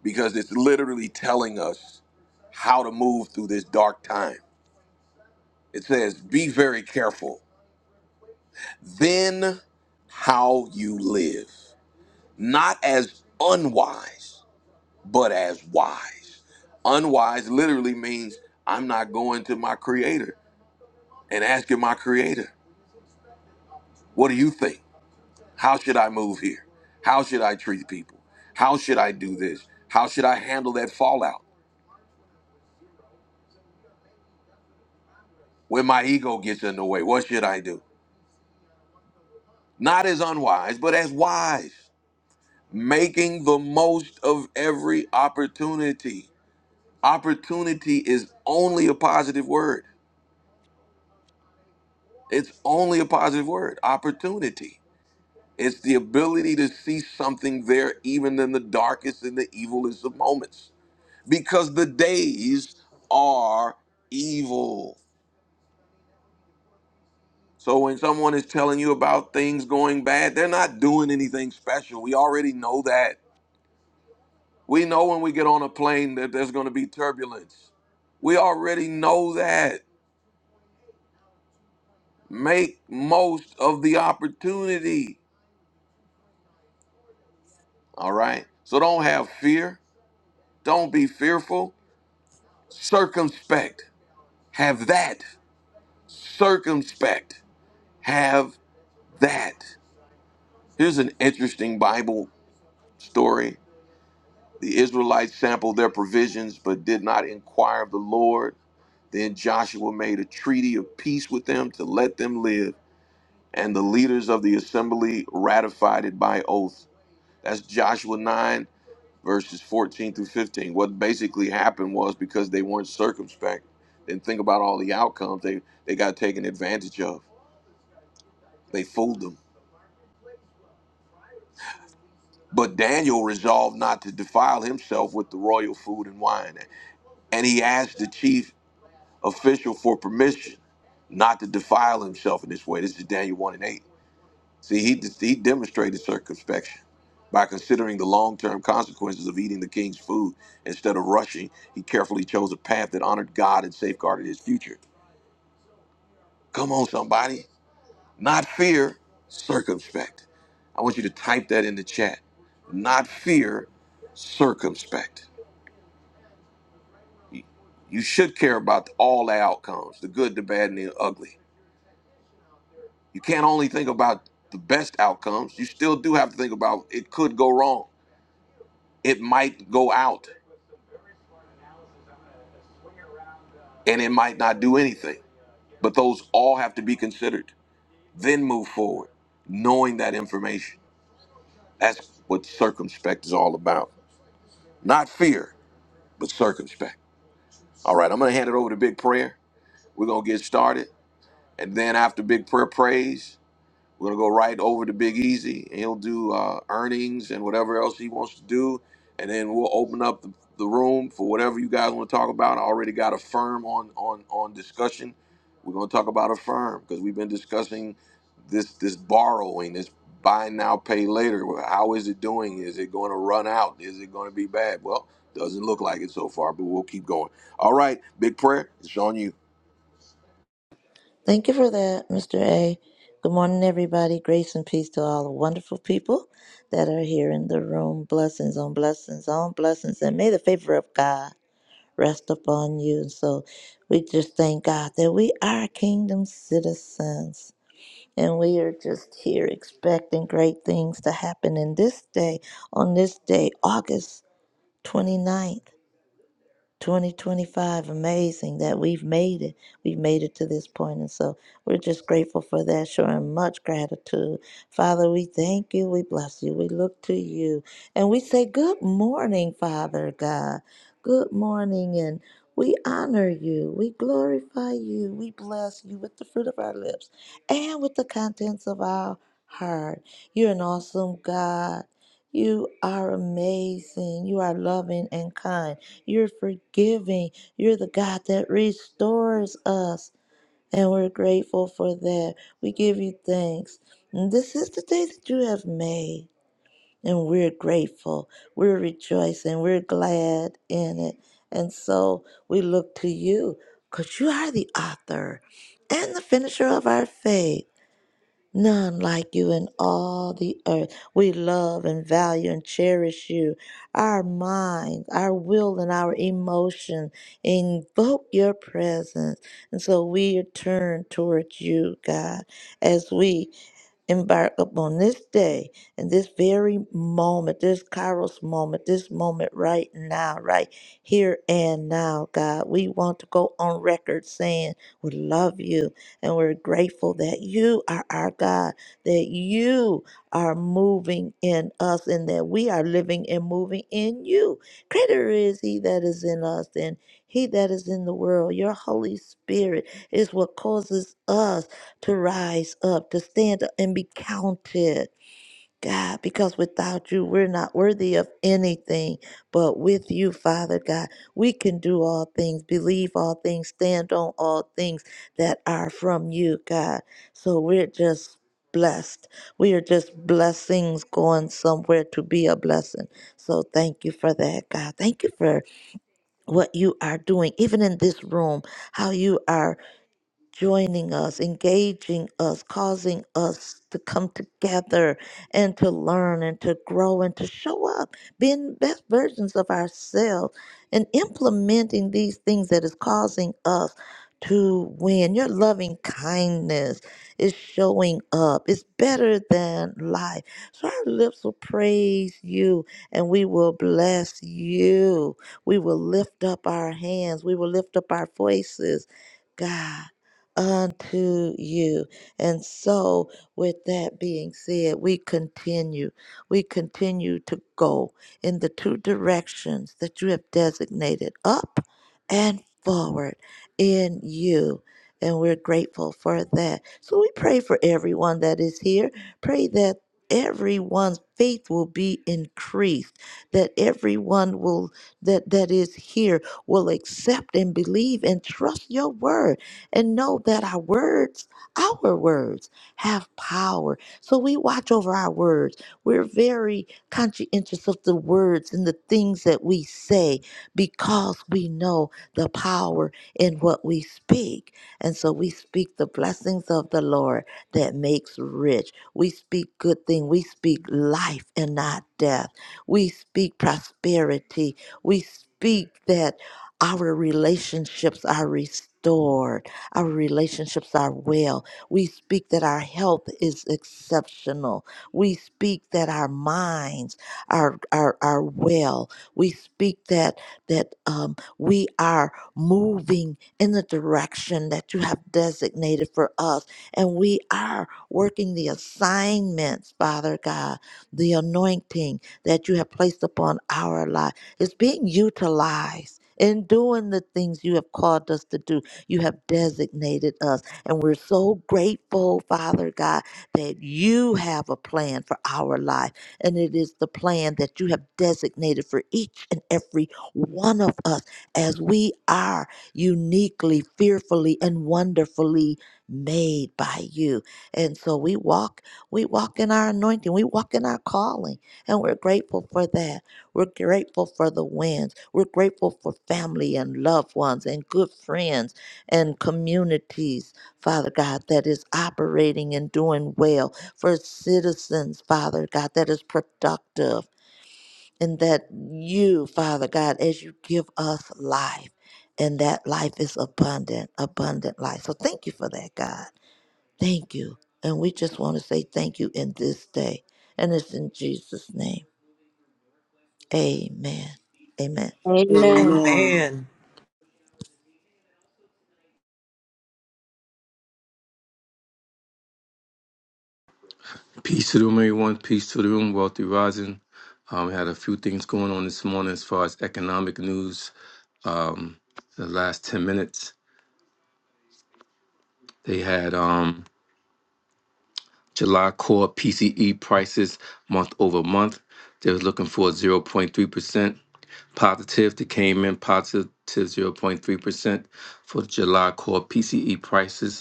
Speaker 1: because it's literally telling us how to move through this dark time. It says, Be very careful, then how you live, not as unwise, but as wise. Unwise literally means I'm not going to my creator and asking my creator, What do you think? How should I move here? How should I treat people? How should I do this? How should I handle that fallout? When my ego gets in the way, what should I do? Not as unwise, but as wise. Making the most of every opportunity. Opportunity is only a positive word. It's only a positive word. Opportunity. It's the ability to see something there, even in the darkest and the evilest of moments. because the days are evil. So when someone is telling you about things going bad, they're not doing anything special. We already know that. We know when we get on a plane that there's going to be turbulence. We already know that. Make most of the opportunity. All right. So don't have fear. Don't be fearful. Circumspect. Have that. Circumspect. Have that. Here's an interesting Bible story. The Israelites sampled their provisions but did not inquire of the Lord. Then Joshua made a treaty of peace with them to let them live, and the leaders of the assembly ratified it by oath. That's Joshua 9, verses 14 through 15. What basically happened was because they weren't circumspect, didn't think about all the outcomes, they, they got taken advantage of. They fooled them. But Daniel resolved not to defile himself with the royal food and wine. And he asked the chief official for permission not to defile himself in this way. This is Daniel 1 and 8. See, he, he demonstrated circumspection by considering the long term consequences of eating the king's food. Instead of rushing, he carefully chose a path that honored God and safeguarded his future. Come on, somebody. Not fear, circumspect. I want you to type that in the chat. Not fear, circumspect. You should care about all the outcomes the good, the bad, and the ugly You can't only think about the best outcomes. You still do have to think about it could go wrong. It might go out and it might not do anything. But those all have to be considered. Then move forward, knowing that information. That's what circumspect is all about. Not fear, but circumspect. All right, I'm going to hand it over to Big Prayer. We're going to get started. And then after Big Prayer prays, We're gonna go right over to Big Easy. He'll do uh, earnings and whatever else he wants to do, and then we'll open up the, the room for whatever you guys want to talk about. I already got a firm on on on discussion. We're gonna talk about a firm because we've been discussing this this borrowing, this buy now pay later. Well, How is it doing? Is it going to run out? Is it going to be bad? Well, doesn't look like it so far, but we'll keep going. All right, big prayer. It's on you.
Speaker 3: Thank you for that, Mr. A. Good morning, everybody. Grace and peace to all the wonderful people that are here in the room. Blessings on blessings on blessings. And may the favor of God rest upon you. And so we just thank God that we are kingdom citizens. And we are just here expecting great things to happen in this day, on this day, August 29th. 2025 amazing that we've made it we've made it to this point and so we're just grateful for that showing much gratitude father we thank you we bless you we look to you and we say good morning father god good morning and we honor you we glorify you we bless you with the fruit of our lips and with the contents of our heart you're an awesome god you are amazing. You are loving and kind. You're forgiving. You're the God that restores us. And we're grateful for that. We give you thanks. And this is the day that you have made. And we're grateful. We're rejoicing. We're glad in it. And so we look to you because you are the author and the finisher of our faith. None like you in all the earth. We love and value and cherish you. Our mind, our will, and our emotion invoke your presence. And so we turn towards you, God, as we embark upon this day and this very moment, this Kairos moment, this moment right now, right here and now, God. We want to go on record saying we love you and we're grateful that you are our God, that you are moving in us and that we are living and moving in you. Greater is he that is in us than he that is in the world. Your Holy Spirit is what causes us to rise up, to stand up and be counted. God, because without you, we're not worthy of anything. But with you, Father God, we can do all things, believe all things, stand on all things that are from you, God. So we're just blessed. We are just blessings going somewhere to be a blessing. So thank you for that, God. Thank you for what you are doing, even in this room, how you are joining us, engaging us, causing us to come together and to learn and to grow and to show up, being best versions of ourselves and implementing these things that is causing us to win. Your loving kindness is showing up. It's better than life. So our lips will praise you and we will bless you. We will lift up our hands. We will lift up our voices. God unto you. And so, with that being said, we continue. We continue to go in the two directions that you have designated up and forward in you. And we're grateful for that. So, we pray for everyone that is here. Pray that everyone's faith will be increased that everyone will that that is here will accept and believe and trust your word and know that our words, our words, have power. So we watch over our words. We're very conscientious of the words and the things that we say because we know the power in what we speak. And so we speak the blessings of the Lord that makes rich. We speak good thing. We speak life and not death. We speak prosperity. We speak that our relationships are restored. Our relationships are well. We speak that our health is exceptional. We speak that our minds are are, are well. We speak that that um, we are moving in the direction that you have designated for us, and we are working the assignments, Father God, the anointing that you have placed upon our life. It's being utilized in doing the things you have called us to do you have designated us. And we're so grateful, Father God, that you have a plan for our life. And it is the plan that you have designated for each and every one of us as we are uniquely, fearfully, and wonderfully made by you. And so we walk, we walk in our anointing, we walk in our calling, and we're grateful for that. We're grateful for the winds. We're grateful for family and loved ones and good friends and communities, Father God, that is operating and doing well, for citizens, Father God, that is productive, and that you, Father God, as you give us life, and that life is abundant, abundant life. So thank you for that, God. Thank you. And we just want to say thank you in this day. And it's in Jesus' name. Amen. Amen.
Speaker 2: Amen.
Speaker 4: Amen.
Speaker 9: Amen.
Speaker 6: Peace to the room, everyone. Peace to the room. Wealthy rising. Um, we had a few things going on this morning as far as economic news. Um, the last ten minutes, they had um, July core PCE prices month over month. They was looking for zero point three percent positive. They came in positive zero point three percent for July core PCE prices.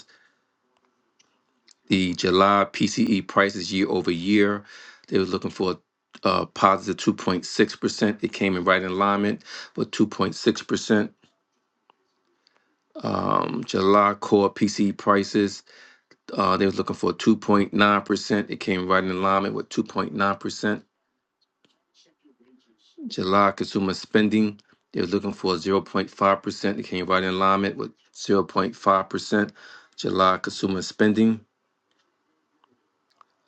Speaker 6: the July PCE prices year over year. They were looking for a positive 2.6%. It came in right in alignment with 2.6%. Um, July core PCE prices, uh, they was looking for 2.9%. It came right in alignment with 2.9%. July consumer spending, they were looking for 0.5%. It came right in alignment with 0.5%. July consumer spending.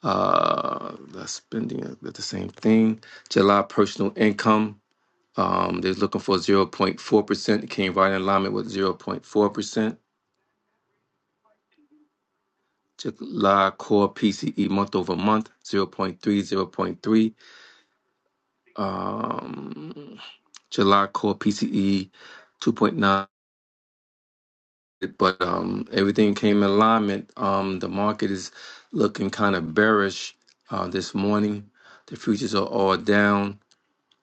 Speaker 6: Uh, that's spending uh, that's the same thing. July personal income. Um, they're looking for 0.4%. It came right in alignment with 0.4%. July core PCE month over month, zero point three, zero point three. Um, July core PCE 2.9. But um, everything came in alignment. Um, the market is looking kind of bearish uh, this morning. The futures are all down.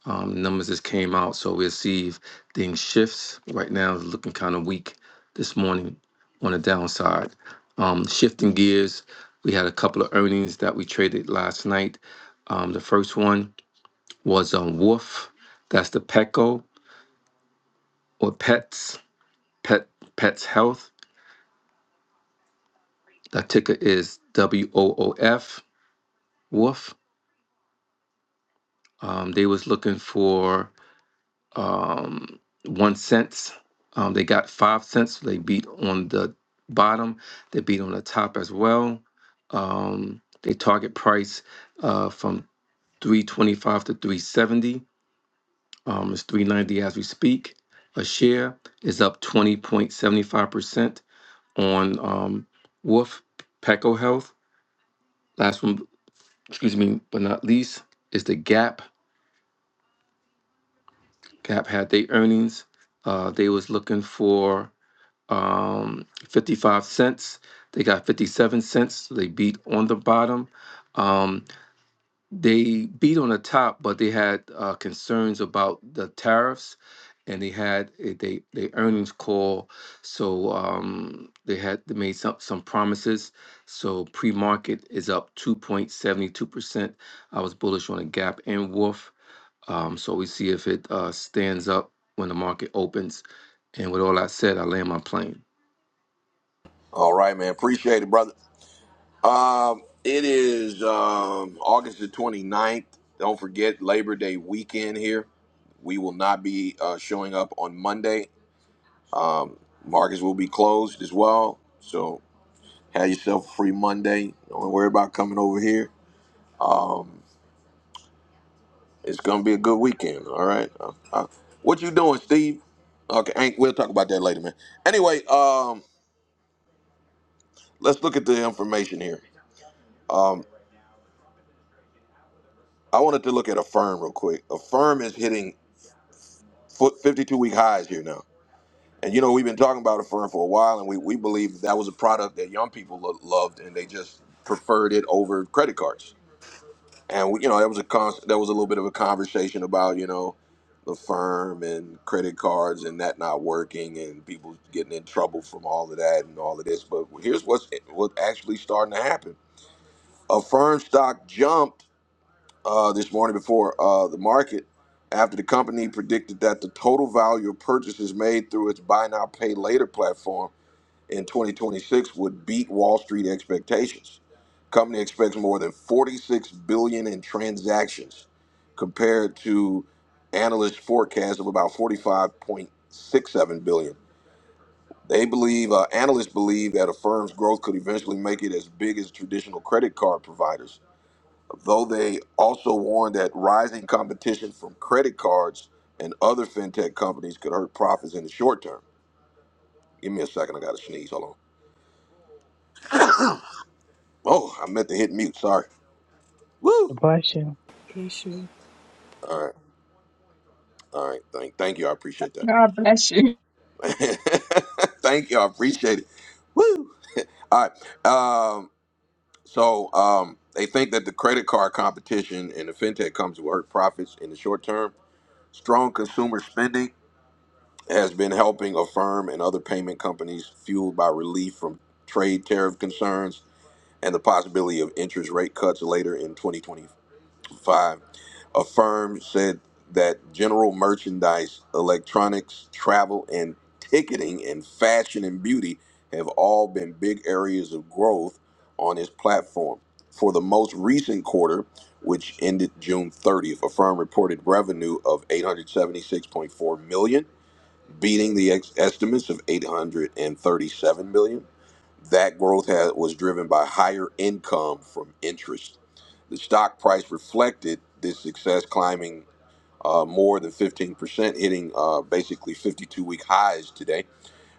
Speaker 6: Um, numbers just came out, so we'll see if things shifts. Right now, it's looking kind of weak this morning on the downside. Um, shifting gears, we had a couple of earnings that we traded last night. Um, the first one was on Wolf. That's the Petco or Pets Pet Pets Health. The ticker is W O O F Wolf. Um, they was looking for um, one cents. Um, they got five cents. so They beat on the bottom. They beat on the top as well. Um, they target price uh, from three twenty five to three seventy. Um, it's three ninety as we speak. A share is up twenty point seventy five percent on um, Wolf Peco Health. Last one, excuse me, but not least, is the Gap. Gap had their earnings. Uh, they was looking for um, 55 cents. They got 57 cents. So they beat on the bottom. Um, they beat on the top, but they had uh, concerns about the tariffs and they had a, they, they earnings call. So um, they had they made some, some promises. So pre market is up 2.72%. I was bullish on a gap and Wolf. Um, so we see if it uh, stands up when the market opens. And with all that said, I land my plane.
Speaker 1: All right, man. Appreciate it, brother. Um, it is um, August the twenty ninth. Don't forget Labor Day weekend here. We will not be uh, showing up on Monday. Markets will be closed as well. So have yourself a free Monday. Don't worry about coming over here. Um, it's going to be a good weekend. All right. Uh, uh, what you doing, Steve? Okay, Hank, we'll talk about that later, man. Anyway, um, let's look at the information here. Um, I wanted to look at a firm real quick. A firm is hitting 52 week highs here now. And you know, we've been talking about it for for a while, and we, we believe that, that was a product that young people lo- loved, and they just preferred it over credit cards. And we, you know, that was a con- that was a little bit of a conversation about you know the firm and credit cards and that not working, and people getting in trouble from all of that and all of this. But here's what's what's actually starting to happen: a firm stock jumped uh, this morning before uh, the market after the company predicted that the total value of purchases made through its buy now pay later platform in 2026 would beat Wall Street expectations. Company expects more than 46 billion in transactions compared to analyst forecast of about 45.67 billion. They believe uh, analysts believe that a firm's growth could eventually make it as big as traditional credit card providers, though they also warn that rising competition from credit cards and other fintech companies could hurt profits in the short term. Give me a second, I got to sneeze. Hold on. Oh, I meant to hit mute. Sorry. Woo!
Speaker 7: Bless you.
Speaker 4: Bless you.
Speaker 1: All right, all right. Thank, thank you. I appreciate that.
Speaker 2: God bless you.
Speaker 1: thank you. I appreciate it. Woo! All right. Um, so um, they think that the credit card competition and the fintech comes to hurt profits in the short term. Strong consumer spending has been helping a firm and other payment companies fueled by relief from trade tariff concerns and the possibility of interest rate cuts later in 2025. five, a firm said that general merchandise, electronics, travel, and ticketing and fashion and beauty have all been big areas of growth on its platform. For the most recent quarter, which ended June 30th, a firm reported revenue of 876.4 million, beating the ex- estimates of 837 million. That growth has, was driven by higher income from interest. The stock price reflected this success, climbing uh, more than 15%, hitting uh, basically 52 week highs today,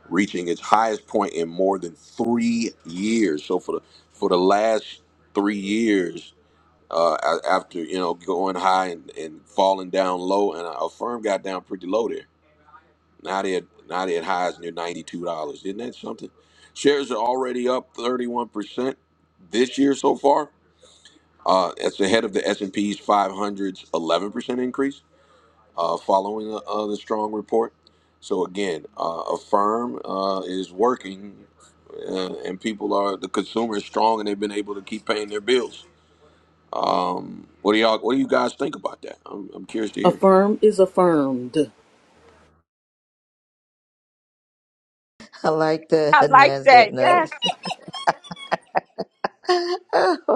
Speaker 1: reaching its highest point in more than three years. So for the for the last three years, uh, a- after you know going high and, and falling down low, and a firm got down pretty low there now they're now they're at highs near ninety two dollars. Isn't that something? Shares are already up thirty one percent this year so far. Uh, that's ahead of the S and P's five hundred's eleven percent increase uh, following uh, uh, the strong report. So again, uh, a firm uh, is working, uh, and people are the consumer is strong, and they've been able to keep paying their bills. What do y'all? What do you guys think about that? I'm, I'm curious to hear.
Speaker 4: Affirm is affirmed.
Speaker 3: I like the
Speaker 2: I like that.
Speaker 3: NASDAQ
Speaker 2: Yes.
Speaker 3: notes.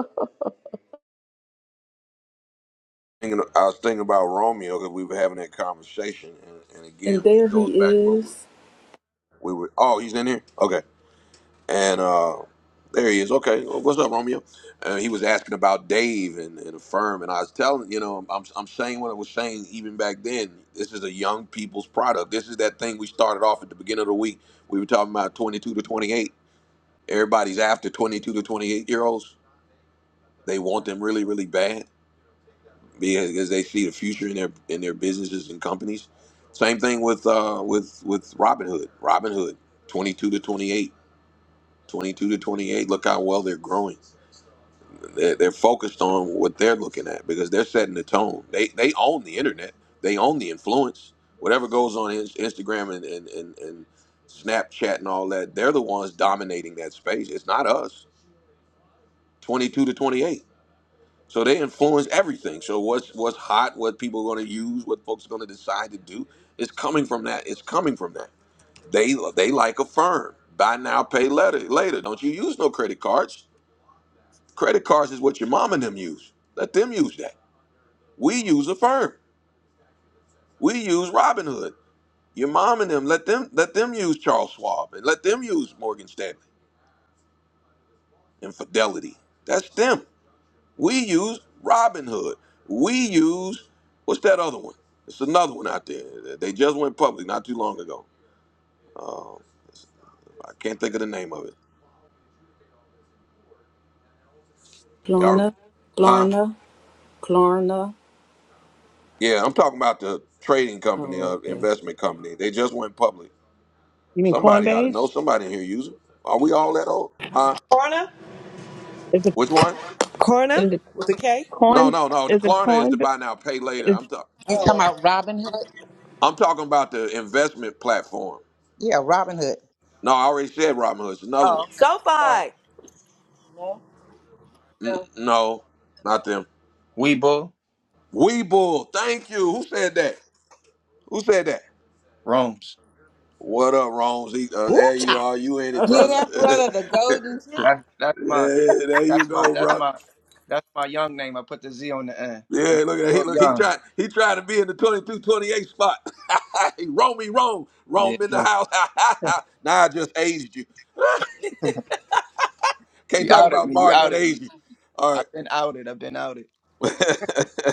Speaker 1: thinking, I was thinking about Romeo because we were having that conversation, and, and again,
Speaker 4: And
Speaker 1: it
Speaker 4: there he
Speaker 1: goes back to what we,
Speaker 4: is.
Speaker 1: we were. Oh, he's in here. Okay, and uh, there he is. Okay, well, what's up, Romeo? Uh, he was asking about Dave and, and the firm, and I was telling you know, I'm I'm saying what I was saying even back then. This is a young people's product. This is that thing we started off at the beginning of the week. We were talking about 22 to 28. Everybody's after 22 to 28 year olds. They want them really, really bad because they see the future in their in their businesses and companies. Same thing with uh, with with Robinhood. Robinhood, twenty two to 28, 22 to twenty eight. Look how well they're growing. They're, they're focused on what they're looking at because they're setting the tone. They they own the internet. They own the influence. Whatever goes on in Instagram and and, and, and Snapchat and all that, they're the ones dominating that space. It's not us. Twenty two to 28. So they influence everything. So what's what's hot, what people are going to use, what folks are going to decide to do, it's coming from that. It's coming from that. They they like a firm. Buy now, pay later. Later, don't you use no credit cards. Credit cards is what your mom and them use. Let them use that. We use a firm. We use Robinhood. Your mom and them let them let them use Charles Schwab and let them use Morgan Stanley and Fidelity. That's them. We use Robinhood. We use what's that other one? It's another one out there. They just went public not too long ago. Uh, I can't think of the name of it. Y'all,
Speaker 4: Klarna,
Speaker 1: huh?
Speaker 4: Klarna, Klarna.
Speaker 1: Yeah, I'm talking about the trading company,
Speaker 4: Oh,
Speaker 1: uh,
Speaker 4: okay.
Speaker 1: investment company. They just went public.
Speaker 7: You mean
Speaker 1: Somebody ought to
Speaker 7: Coinbase?
Speaker 1: know. Somebody in here use it. Are we all that old? Huh?
Speaker 9: Corna,
Speaker 7: Is it
Speaker 1: Which one?
Speaker 9: Corna
Speaker 7: is it
Speaker 9: with a K.
Speaker 1: No,
Speaker 7: coin?
Speaker 1: no, no. The
Speaker 7: Is it
Speaker 1: Klarna is the
Speaker 7: coin?
Speaker 1: buy now, pay later.
Speaker 7: Is
Speaker 1: I'm talking.
Speaker 5: You talking about Robin Hood?
Speaker 1: I'm talking about the investment platform.
Speaker 5: Yeah, Robin Hood.
Speaker 1: No, I already said Robinhood. It's another
Speaker 5: Oh,
Speaker 1: one.
Speaker 5: okay. Sorry.
Speaker 9: SoFi.
Speaker 1: Mm,
Speaker 9: No.
Speaker 1: no, not the
Speaker 10: Weibo
Speaker 1: Weeble, thank you. Who said that? Who said that?
Speaker 10: Rome's.
Speaker 1: What up, Rones? He- Uh,
Speaker 4: Woo
Speaker 1: there you
Speaker 4: child.
Speaker 1: are. You in it,
Speaker 5: Get
Speaker 1: brother.
Speaker 5: that
Speaker 1: yeah,
Speaker 5: brother the golden ticket.
Speaker 10: That's that's my
Speaker 1: there you
Speaker 10: that's my
Speaker 1: go,
Speaker 10: that's
Speaker 1: bro.
Speaker 10: my that's my young name. I put the Z on the end. Man,
Speaker 1: Yeah, look at that. He
Speaker 10: You're
Speaker 1: look. He
Speaker 10: young.
Speaker 1: tried. He tried to be in the twenty-two, twenty-eight spot. he roam me wrong.
Speaker 10: Yeah,
Speaker 1: Rome in the
Speaker 10: come
Speaker 1: house. now I just aged you.
Speaker 10: on.
Speaker 1: Can't
Speaker 10: You
Speaker 1: talk
Speaker 10: outed
Speaker 1: about
Speaker 10: me. You
Speaker 1: Martin. That
Speaker 10: outed me.
Speaker 1: aged you. All
Speaker 10: I've been outed. I've been outed.
Speaker 1: right.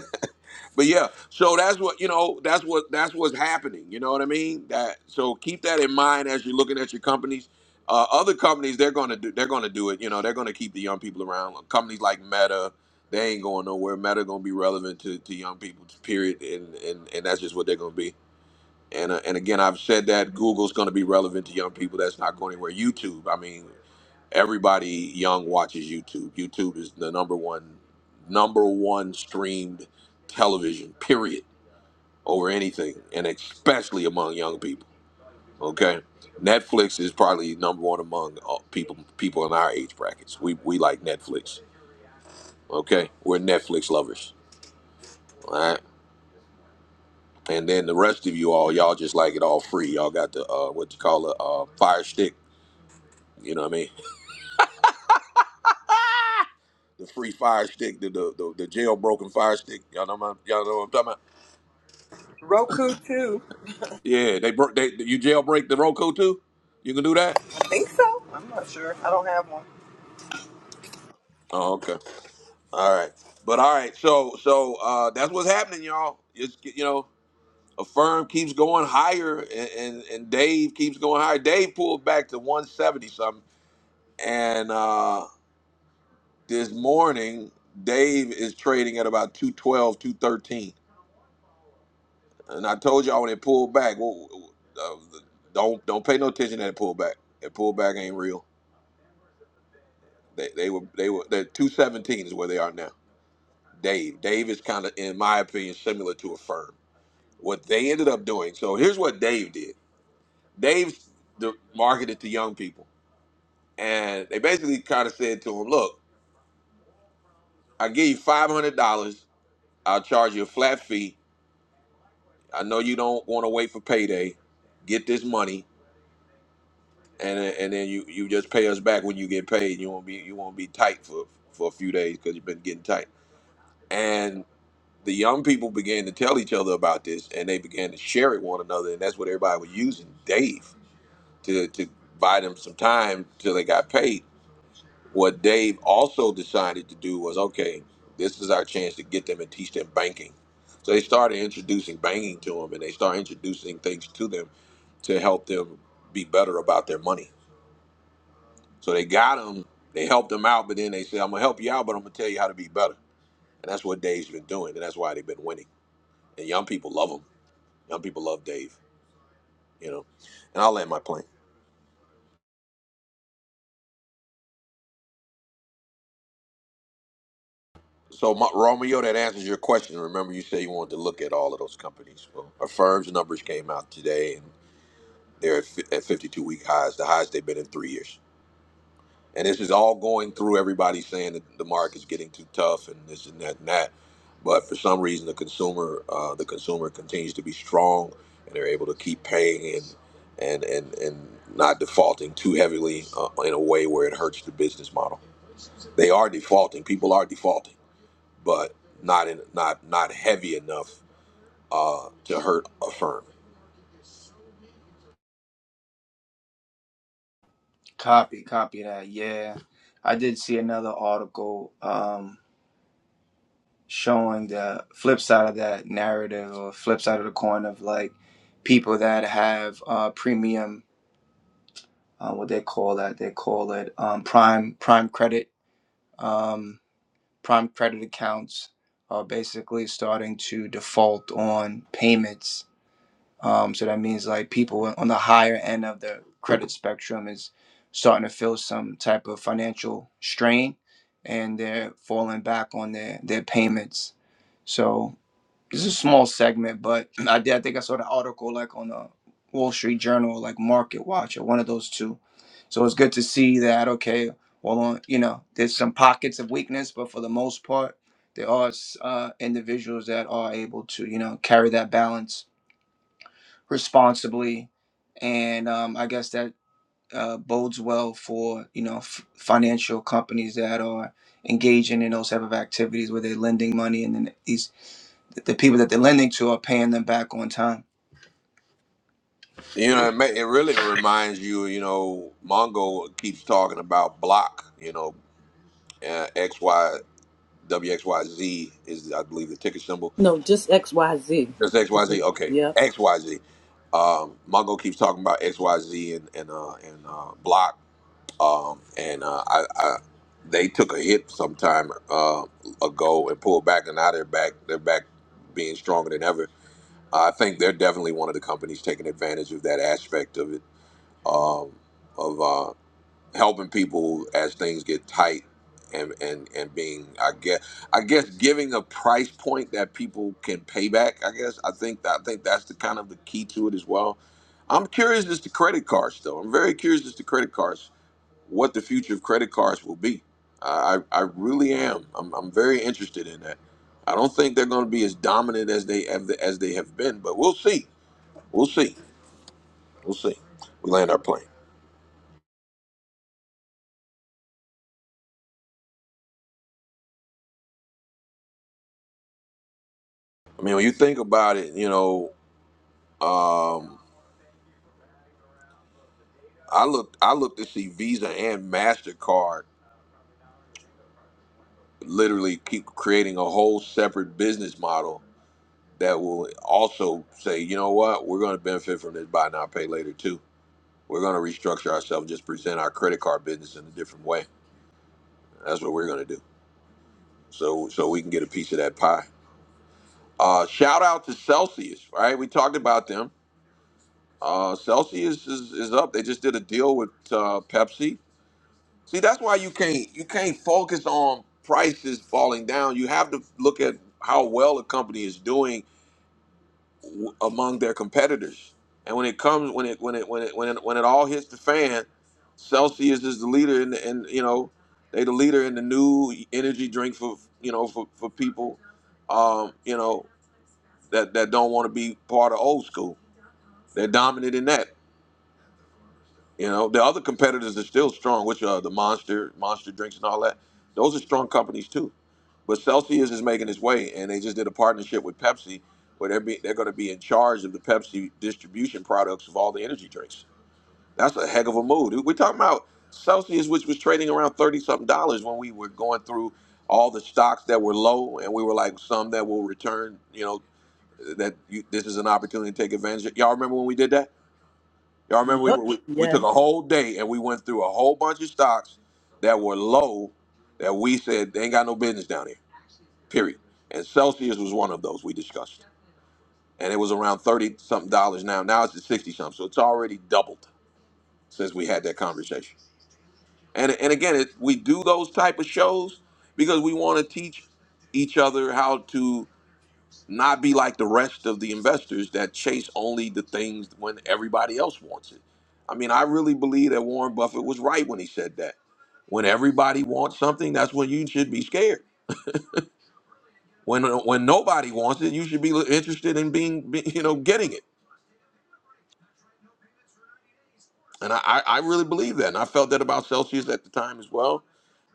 Speaker 1: but yeah, so that's what you know. That's what that's what's happening. You know what I mean? That so keep that in mind as you're looking at your companies. Uh, other companies they're gonna do they're gonna do it. You know they're gonna keep the young people around. Like, Companies like Meta, they ain't going nowhere. Meta gonna be relevant to, to young people. Period. And, and and that's just what they're gonna be. And uh, and again, I've said that Google's gonna be relevant to young people. That's not going anywhere. YouTube. I mean. Everybody young watches YouTube. YouTube is the number one number one streamed television, period, over anything, and especially among young people. Okay? Netflix is probably number one among uh, people people in our age brackets. We we like Netflix. Okay? We're Netflix lovers. All right? And then the rest of you all, y'all just like it all free. Y'all got the uh, what you call it, uh, fire stick. You know what I mean? The free fire stick, the the the, the jailbroken fire stick. Y'all know what I'm, y'all know what I'm talking about.
Speaker 9: Roku too.
Speaker 1: Yeah, they broke. They you jailbreak the Roku too. You can do that.
Speaker 9: Think so?
Speaker 1: Oh, okay. All right. But all right. So so uh, that's what's happening, y'all. It's you know a firm keeps going higher, and and, and Dave keeps going higher. Dave pulled back to one seventy something, and uh, this morning Dave is trading at about two twelve, two thirteen. And I told y'all when it pulled back, well, uh, don't don't pay no attention to that pullback. That pullback ain't real. They they were they were they're two seventeen is where they are now. Dave. Dave is kind of, in my opinion, similar to a firm. What they ended up doing. So here's what Dave did. Dave the, marketed to young people, and they basically kind of said to them, "Look, I give you five hundred dollars. I'll charge you a flat fee. I know you don't want to wait for payday. Get this money, and and then you you just pay us back when you get paid. You won't be you won't be tight for for a few days because you've been getting tight. And the young people began to tell each other about this and they began to share it one another and that's what everybody was using dave to, to buy them some time till they got paid what dave also decided to do was okay this is our chance to get them and teach them banking so they started introducing banking to them and they started introducing things to them to help them be better about their money so they got them they helped them out but then they said i'm gonna help you out but i'm gonna tell you how to be better and that's what dave's been doing and that's why they've been winning and young people love them. Young people love Dave, you know. And I'll land my plane. So, Ma- Romeo, that answers your question. Remember, you say you wanted to look at all of those companies. Well, our firm's numbers came out today, and they're at fi- at 52 week highs, the highest they've been in three years. And this is all going through everybody saying that the market's getting too tough and this and that and that. But for some reason, the consumer, uh, the consumer continues to be strong, and they're able to keep paying and and and and not defaulting too heavily uh, in a way where it hurts the business model. They are defaulting. People are defaulting, but not in not not heavy enough uh, to hurt a firm.
Speaker 10: Copy, copy that. Yeah. I did see another article um showing the flip side of that narrative or flip side of the coin of like people that have uh premium uh what they call that. They call it um prime prime credit. um. prime credit accounts are basically starting to default on payments. Um, so that means like people on the higher end of the credit spectrum is starting to feel some type of financial strain and they're falling back on their, their payments. So it's a small segment, but I did. I think I saw the article like on the Wall Street Journal, like Market Watch or one of those two. So it's good to see that. Okay, well, on you know, there's some pockets of weakness, but for the most part, there are uh, individuals that are able to you know carry that balance responsibly, and um, I guess that uh, bodes well for you know f- financial companies that are engaging in those type of activities where they're lending money and then these the people that they're lending to are paying them back on time.
Speaker 1: You know, it, ma- it really reminds you. You know, Mongo keeps talking about block. You know, uh, X Y W X Y Z is I believe the ticker symbol.
Speaker 4: No, just XYZ.
Speaker 1: Just X Y Z. Okay,
Speaker 4: Yep,
Speaker 1: X Y Z. Um, Mongo keeps talking about X Y Z and and uh, and uh, block um, and uh, I, I they took a hit sometime uh, ago and pulled back, and now they're back. They're back being stronger than ever. I think they're definitely one of the companies taking advantage of that aspect of it, um, of uh, helping people as things get tight, and and and being, I guess, I guess giving a price point that people can pay back. I guess I think I think that's the kind of the key to it as well. I'm curious as to credit cards, though. I'm very curious as to credit cards what the future of credit cards will be. I, I really am. I'm, I'm very interested in that. I don't think they're going to be as dominant as they have, as they have been, but we'll see. We'll see. We'll see. We land our plane. I mean, when you think about it, you know, um, I looked I looked to see Visa and Mastercard literally keep creating a whole separate business model that will also say, you know what, we're going to benefit from this buy now pay later too We're going to restructure ourselves, just present our credit card business in a different way. That's what we're going to do. So so we can get a piece of that pie. Uh, shout out to Celsius, right? We talked about them. Uh, Celsius is, is up. They just did a deal with uh, Pepsi. See, that's why you can't you can't focus on prices falling down. You have to look at how well a company is doing w- among their competitors. And when it comes, when it when it when it when it, when it all hits the fan, Celsius is the leader in the and you know they the leader in the new energy drink for you know for for people, um, you know that that don't want to be part of old school. They're dominant in that. You know, the other competitors are still strong, which are the Monster, Monster drinks, and all that. Those are strong companies too. But Celsius is making its way, and they just did a partnership with Pepsi, where they're be, they're going to be in charge of the Pepsi distribution products of all the energy drinks. That's a heck of a move. We're talking about Celsius, which was trading around thirty something dollars when we were going through all the stocks that were low, and we were like some that will return. You know, that you, this is an opportunity to take advantage. of. Y'all remember when we did that? Y'all remember we,
Speaker 4: yep,
Speaker 1: we we took
Speaker 4: yes,
Speaker 1: a whole day and we went through a whole bunch of stocks that were low that we said they ain't got no business down here. Period. And Celsius was one of those we discussed, and it was around thirty something dollars now. Now it's at sixty something, so it's already doubled since we had that conversation. And and again, it, we do those type of shows because we want to teach each other how to not be like the rest of the investors that chase only the things when everybody else wants it. I mean, I really believe that Warren Buffett was right when he said that. When everybody wants something, that's when you should be scared. When uh, when nobody wants it, you should be interested in being, be- you know, getting it. And I, I I really believe that, and I felt that about Celsius at the time as well.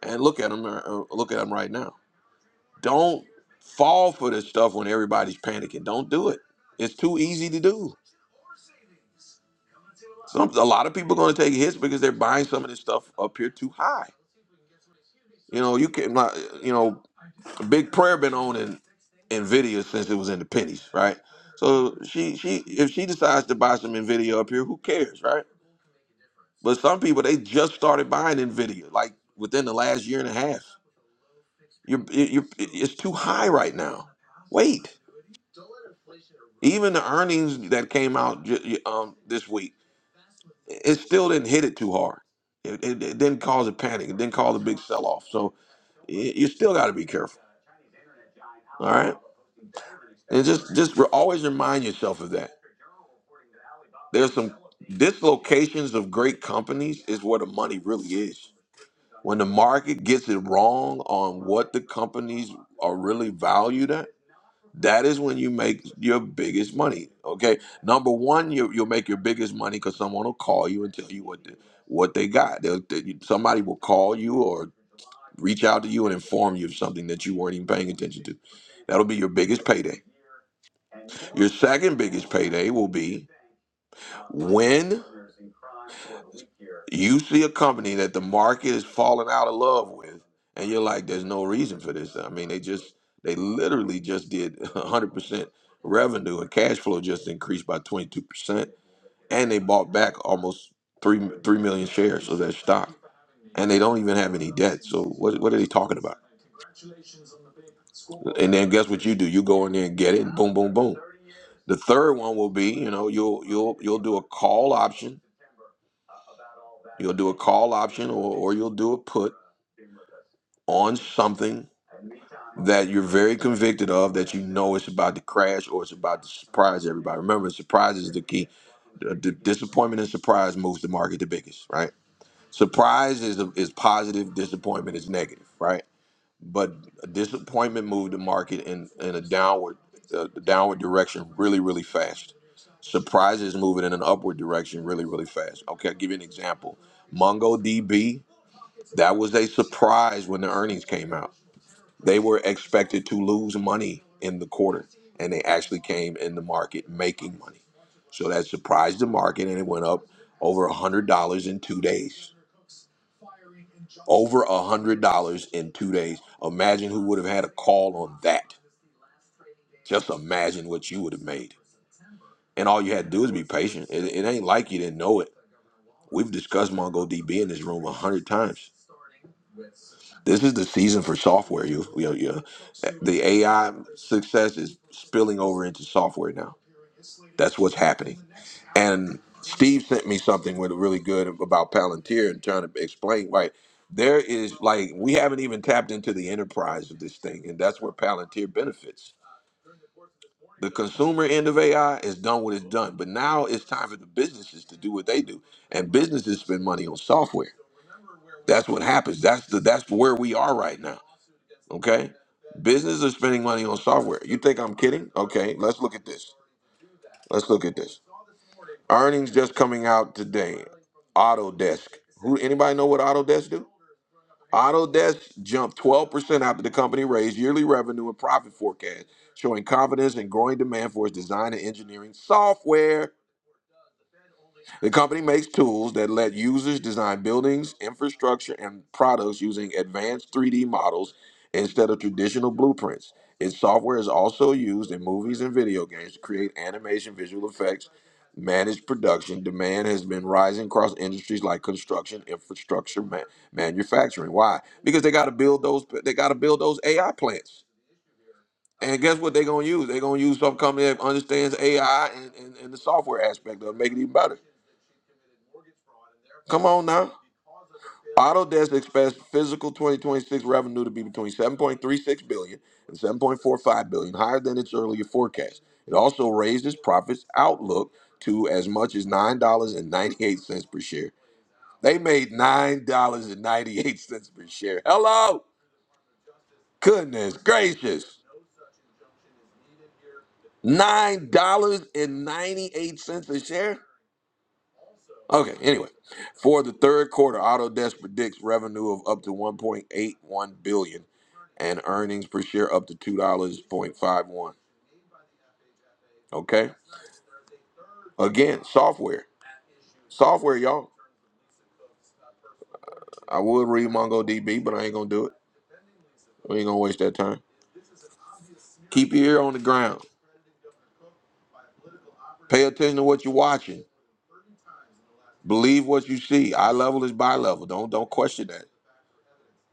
Speaker 1: And look at them, uh, uh, look at them right now. Don't fall for this stuff when everybody's panicking. Don't do it. It's too easy to do. Some a lot of people are going to take hits because they're buying some of this stuff up here too high. You know, you can my you know, big prayer been owning Nvidia since it was in the pennies, right? So she she if she decides to buy some Nvidia up here, who cares, right? But some people they just started buying Nvidia like within the last year and a half. You're, you're it's too high right now. Wait, even the earnings that came out ju- um, this week it still didn't hit it too hard. It, it, it didn't cause a panic. It didn't cause a big sell off. So y- you still got to be careful. All right, and just just re- always remind yourself of that. There's some dislocations of great companies is where the money really is. When the market gets it wrong on what the companies are really valued at, That is when you make your biggest money. Okay, number one, you you'll make your biggest money because someone will call you and tell you what the, what they got. They'll, they, you- somebody will call you or reach out to you and inform you of something that you weren't even paying attention to. That'll be your biggest payday. Your second biggest payday will be when You see a company that the market is falling out of love with, and you're like, there's no reason for this. I mean, they just, they literally just did 100% revenue and cash flow just increased by 22%. And they bought back almost 3, 3 million shares of their stock. And they don't even have any debt. So what, what are they talking about? And then guess what you do? You go in there and get it, and boom, boom, boom. The third one will be, you know, you'll you'll you'll do a call option. You'll do a call option or, or you'll do a put on something that you're very convicted of that you know it's about to crash or it's about to surprise everybody. Remember, surprise is the key. The, the disappointment and surprise moves the market the biggest, right? Surprise is is positive, disappointment is negative, right? But disappointment moved the market in in a downward uh, downward direction really really fast. Surprise is moving in an upward direction really really fast. Okay, I'll give you an example. MongoDB, that was a surprise when the earnings came out they were expected to lose money in the quarter, and they actually came in the market making money. So that surprised the market, and it went up over $100 in two days. Over $100 in two days. Imagine who would have had a call on that. Just imagine what you would have made. And all you had to do is be patient. It, it ain't like you didn't know it. We've discussed MongoDB in this room a hundred times. This is the season for software. You, you, you, the AI success is spilling over into software now That's what's happening. And Steve sent me something with really good about Palantir and trying to explain like there is like we haven't even tapped into the enterprise of this thing, and that's where Palantir benefits. The consumer end of AI is done what it's done, but now it's time for the businesses to do what they do, and businesses spend money on software. That's what happens. That's the that's where we are right now. Okay, businesses are spending money on software. You think I'm kidding? Okay, let's look at this. Let's look at this. Earnings just coming out today. Autodesk. Who anybody know what Autodesk do? Autodesk jumped 12% after the company raised yearly revenue and profit forecast, showing confidence and growing demand for its design and engineering software. The company makes tools that let users design buildings, infrastructure, and products using advanced 3D models instead of traditional blueprints. Its software is also used in movies and video games to create animation, visual effects, manage production. Demand has been rising across industries like construction, infrastructure, ma- manufacturing. Why? Because they got to build those. They got to build those AI plants. And guess what they're gonna use? They're gonna use some company that understands AI and, and, and the software aspect of it, make it even better. Come on now. Autodesk expects physical 2026 revenue to be between seven point three six billion and seven point four five billion, higher than its earlier forecast. It also raised its profits outlook to as much as $9.98 per share. They made $9.98 per share. Hello? Goodness gracious. $9.98 a share? Okay, anyway, for the third quarter, Autodesk predicts revenue of up to 1.81 billion and earnings per share up to $2.51. Okay? Again, software. Software, y'all. I would read MongoDB, but I ain't gonna do it. We ain't gonna waste that time. Keep your ear on the ground. Pay attention to what you're watching. Believe what you see. Eye level is bi level. Don't don't question that.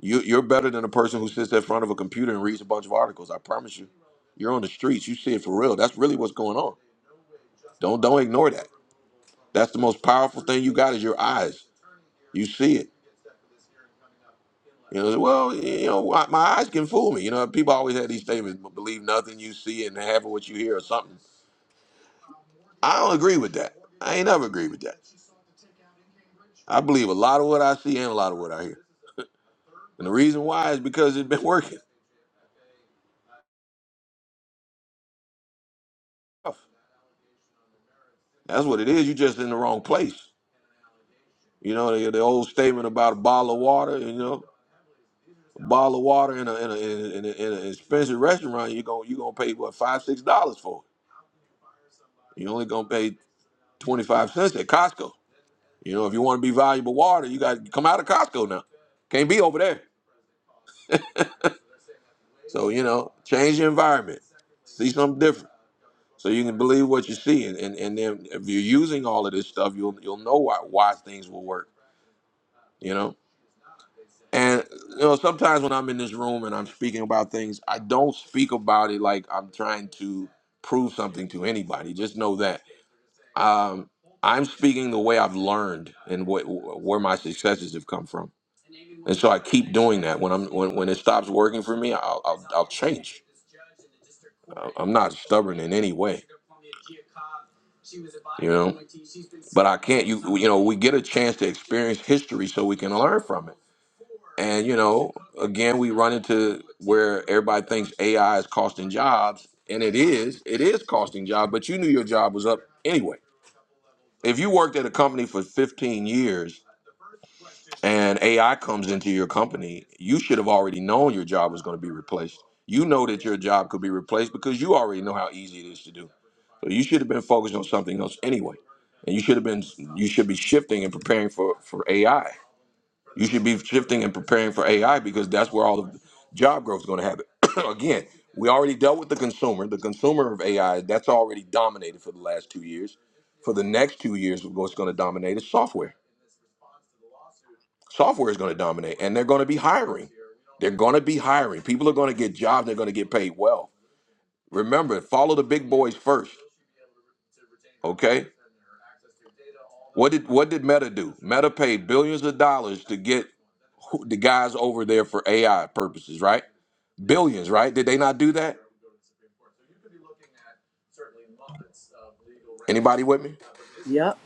Speaker 1: You, you're better than a person who sits in front of a computer and reads a bunch of articles. I promise you. You're on the streets. You see it for real. That's really what's going on. Don't don't ignore that. That's the most powerful thing you got is your eyes. You see it. You know, well, you know, why- my eyes can fool me. You know, people always have these statements, "But believe nothing you see and half of what you hear or something. I don't agree with that. I ain't never agreed with that. I believe a lot of what I see and a lot of what I hear. And the reason why is because it's been working. That's what it is. You're just in the wrong place. You know the, the old statement about a bottle of water. You know, a bottle of water in a in a in, a, in, an expensive restaurant, you gonna you gonna pay what five six dollars for it. You only gonna pay twenty five cents at Costco. You know, if you want to be valuable water, you got to come out of Costco now. Can't be over there. So you know, change the environment, see something different, so you can believe what you see, and and, and then if you're using all of this stuff, you'll you'll know why why things will work. You know. And you know, sometimes when I'm in this room and I'm speaking about things, I don't speak about it like I'm trying to prove something to anybody. Just know that um, I'm speaking the way I've learned and what where my successes have come from. And so I keep doing that. When I'm when, when it stops working for me, I'll I'll, I'll change. I- I'm not stubborn in any way. You know, but I can't. You you know, we get a chance to experience history so we can learn from it. And you know, again, we run into where everybody thinks AI is costing jobs, and it is. It is costing jobs, but you knew your job was up anyway. If you worked at a company for 15 years and AI comes into your company, you should have already known your job was going to be replaced. You know that your job could be replaced because you already know how easy it is to do. So you should have been focused on something else anyway. And you should have been you should be shifting and preparing for for AI. You should be shifting and preparing for AI because that's where all the job growth is going to happen. Again, we already dealt with the consumer. The consumer of AI, that's already dominated for the last two years. For the next two years, what's going to dominate is software. Software is going to dominate, and they're going to be hiring. They're going to be hiring. People are going to get jobs. They're going to get paid well. Remember, follow the big boys first. Okay. What did what did Meta do? Meta paid billions of dollars to get who- the guys over there for AI purposes, right? Billions, right? Did they not do that? Anybody with me?
Speaker 4: yep.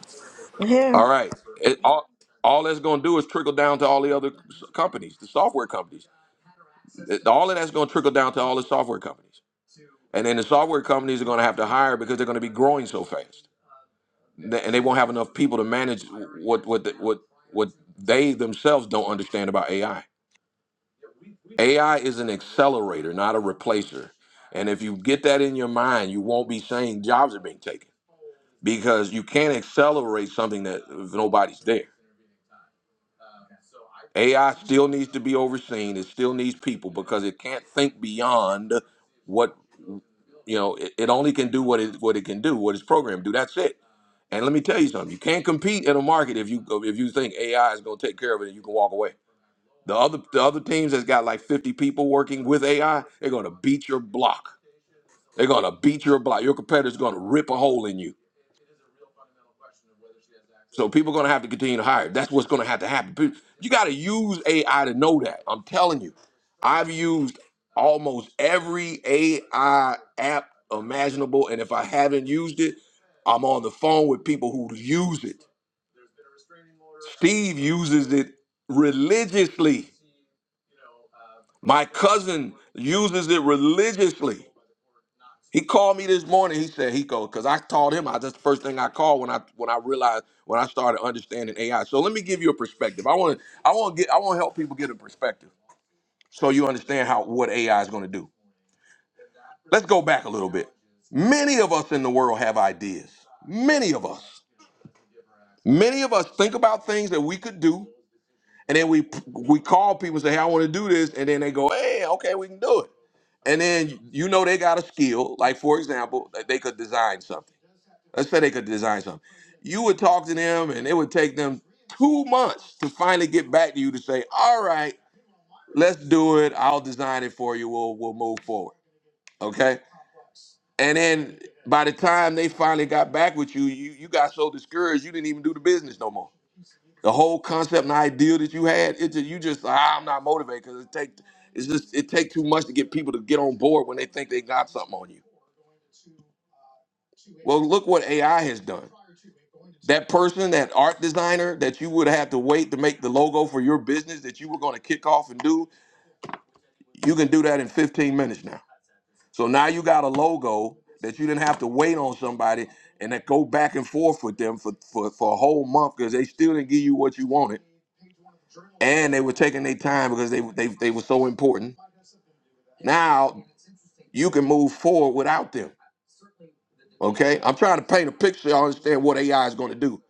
Speaker 1: All
Speaker 3: Here,
Speaker 1: right. It, all, all that's going to do is trickle down to all the other s- companies, the software companies. It- All of that's going to trickle down to all the software companies. And then the software companies are going to have to hire because they're going to be growing so fast. Th- And they won't have enough people to manage what what the, what what they themselves don't understand about AI. AI is an accelerator, not a replacer. And if you get that in your mind, you won't be saying jobs are being taken. because you can't accelerate something that if nobody's there. AI still needs to be overseen. It still needs people because it can't think beyond what you know. It, it only can do what it what it can do, what it's programmed to do. That's it. And let me tell you something: you can't compete in a market if you if you think AI is going to take care of it and you can walk away. The other the other teams that's got like 50 people working with AI, they're going to beat your block. They're going to beat your block. Your competitor's going to rip a hole in you So people are going to have to continue to hire. That's what's going to have to happen. Pe- You got to use AI to know that. I'm telling you, I've used almost every AI app imaginable, and if I haven't used it, I'm on the phone with people who use it. Steve uses it religiously. My cousin uses it religiously. He called me this morning. He said he goes because I told him I that's the first thing I called when I when I realized when I started understanding AI. So let me give you a perspective. I want to I want to get I want to help people get a perspective so you understand how what AI is going to do. Let's go back a little bit. Many of us in the world have ideas. Many of us. Many of us think about things that we could do, and then we we call people and say, "Hey, I want to do this," and then they go, "Hey, okay, we can do it." And then you know they got a skill. Like for example, that they could design something. Let's say they could design something. You would talk to them, and it would take them two months to finally get back to you to say, "All right, let's do it. I'll design it for you. We'll we'll move forward." Okay. And then by the time they finally got back with you, you you got so discouraged you didn't even do the business no more. The whole concept and idea that you had, it just, you just ah, I'm not motivated because it take it's just it take too much to get people to get on board when they think they got something on you. Well, look what AI has done. that person, that art designer that you would have to wait to make the logo for your business that you were going to kick off and do, you can do that in 15 minutes now. So now you got a logo that you didn't have to wait on somebody and that go back and forth with them for, for, for a whole month because they still didn't give you what you wanted. And they were taking their time because they, they, they were so important. Now you can move forward without them. Okay? I'm trying to paint a picture. I understand what AI is going to do.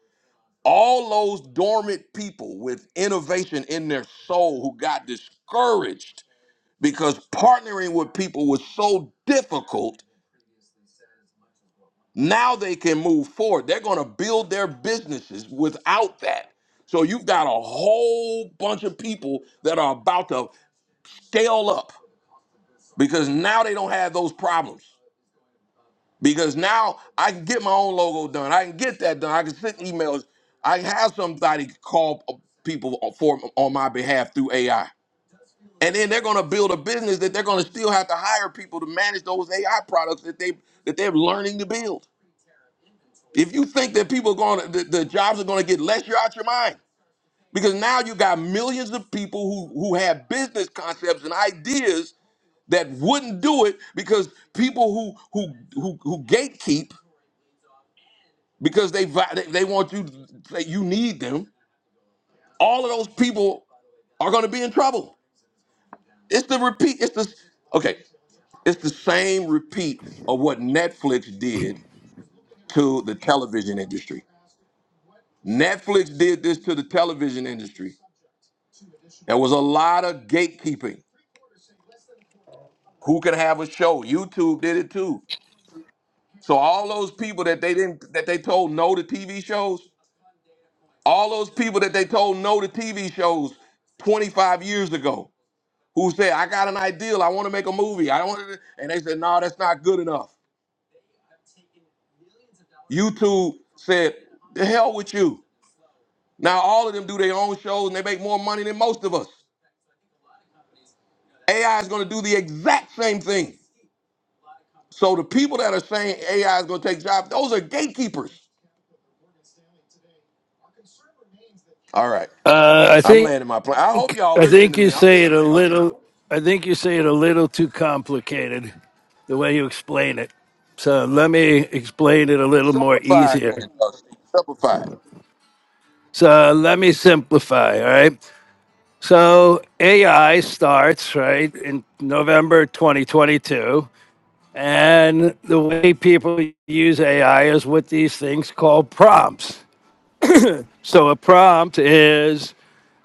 Speaker 1: all those dormant people with innovation in their soul who got discouraged because partnering with people was so difficult now they can move forward they're going to build their businesses without that so you've got a whole bunch of people that are about to scale up because now they don't have those problems because now I can get my own logo done. I can get that done. I can send emails. I can have somebody call uh, people for on my behalf through AI. And then they're going to build a business that they're going to still have to hire people to manage those AI products that they that they're learning to build. If you think that people are going to the, the jobs are going to get less, you're out your mind. Because now you got millions of people who who have business concepts and ideas that wouldn't do it because people who who who, who gatekeep because they vi- they they want you to say you need them. All of those people are going to be in trouble. It's the repeat. It's the okay. It's the same repeat of what Netflix did to the television industry. Netflix did this to the television industry. There was a lot of gatekeeping. Who can have a show? YouTube did it too. So all those people that they didn't that they told no to TV shows, all those people that they told no to TV shows 25 years ago, who said, I got an ideal, I want to make a movie. I want to and they said, No, that's not good enough. YouTube said, The hell with you. Now all of them do their own shows and they make more money than most of us. AI is gonna do the exact same thing. So the people that are saying AI is gonna take jobs, those are gatekeepers. All right.
Speaker 8: uh, I
Speaker 1: I'm
Speaker 8: think.
Speaker 1: landing my plane. I hope
Speaker 8: think
Speaker 1: y'all
Speaker 8: I
Speaker 1: listening
Speaker 8: think
Speaker 1: to
Speaker 8: you
Speaker 1: me. I'm
Speaker 8: say
Speaker 1: just
Speaker 8: it a
Speaker 1: I'm just
Speaker 8: little. I think you say it a little too complicated, the way you explain it. So let me explain it a little more
Speaker 1: simplified
Speaker 8: easier.
Speaker 1: then, uh, Steve. Simplified.
Speaker 8: So let me simplify. All right. So AI starts right in November 2022, and the way people use AI is with these things called prompts. So a prompt is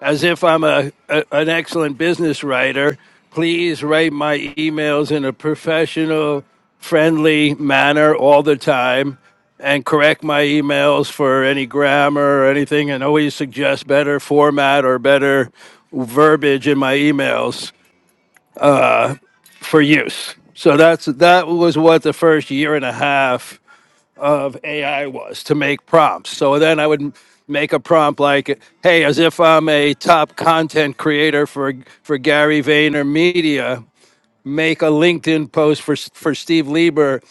Speaker 8: as if I'm a, a an excellent business writer. Please write my emails in a professional, friendly manner all the time, and correct my emails for any grammar or anything, and always suggest better format or better verbiage in my emails for use. So that's that was what the first year and a half of AI was to make prompts. So then I would make a prompt like, "Hey, as if I'm a top content creator for for Gary Vayner Media, make a LinkedIn post for for Steve Lieber."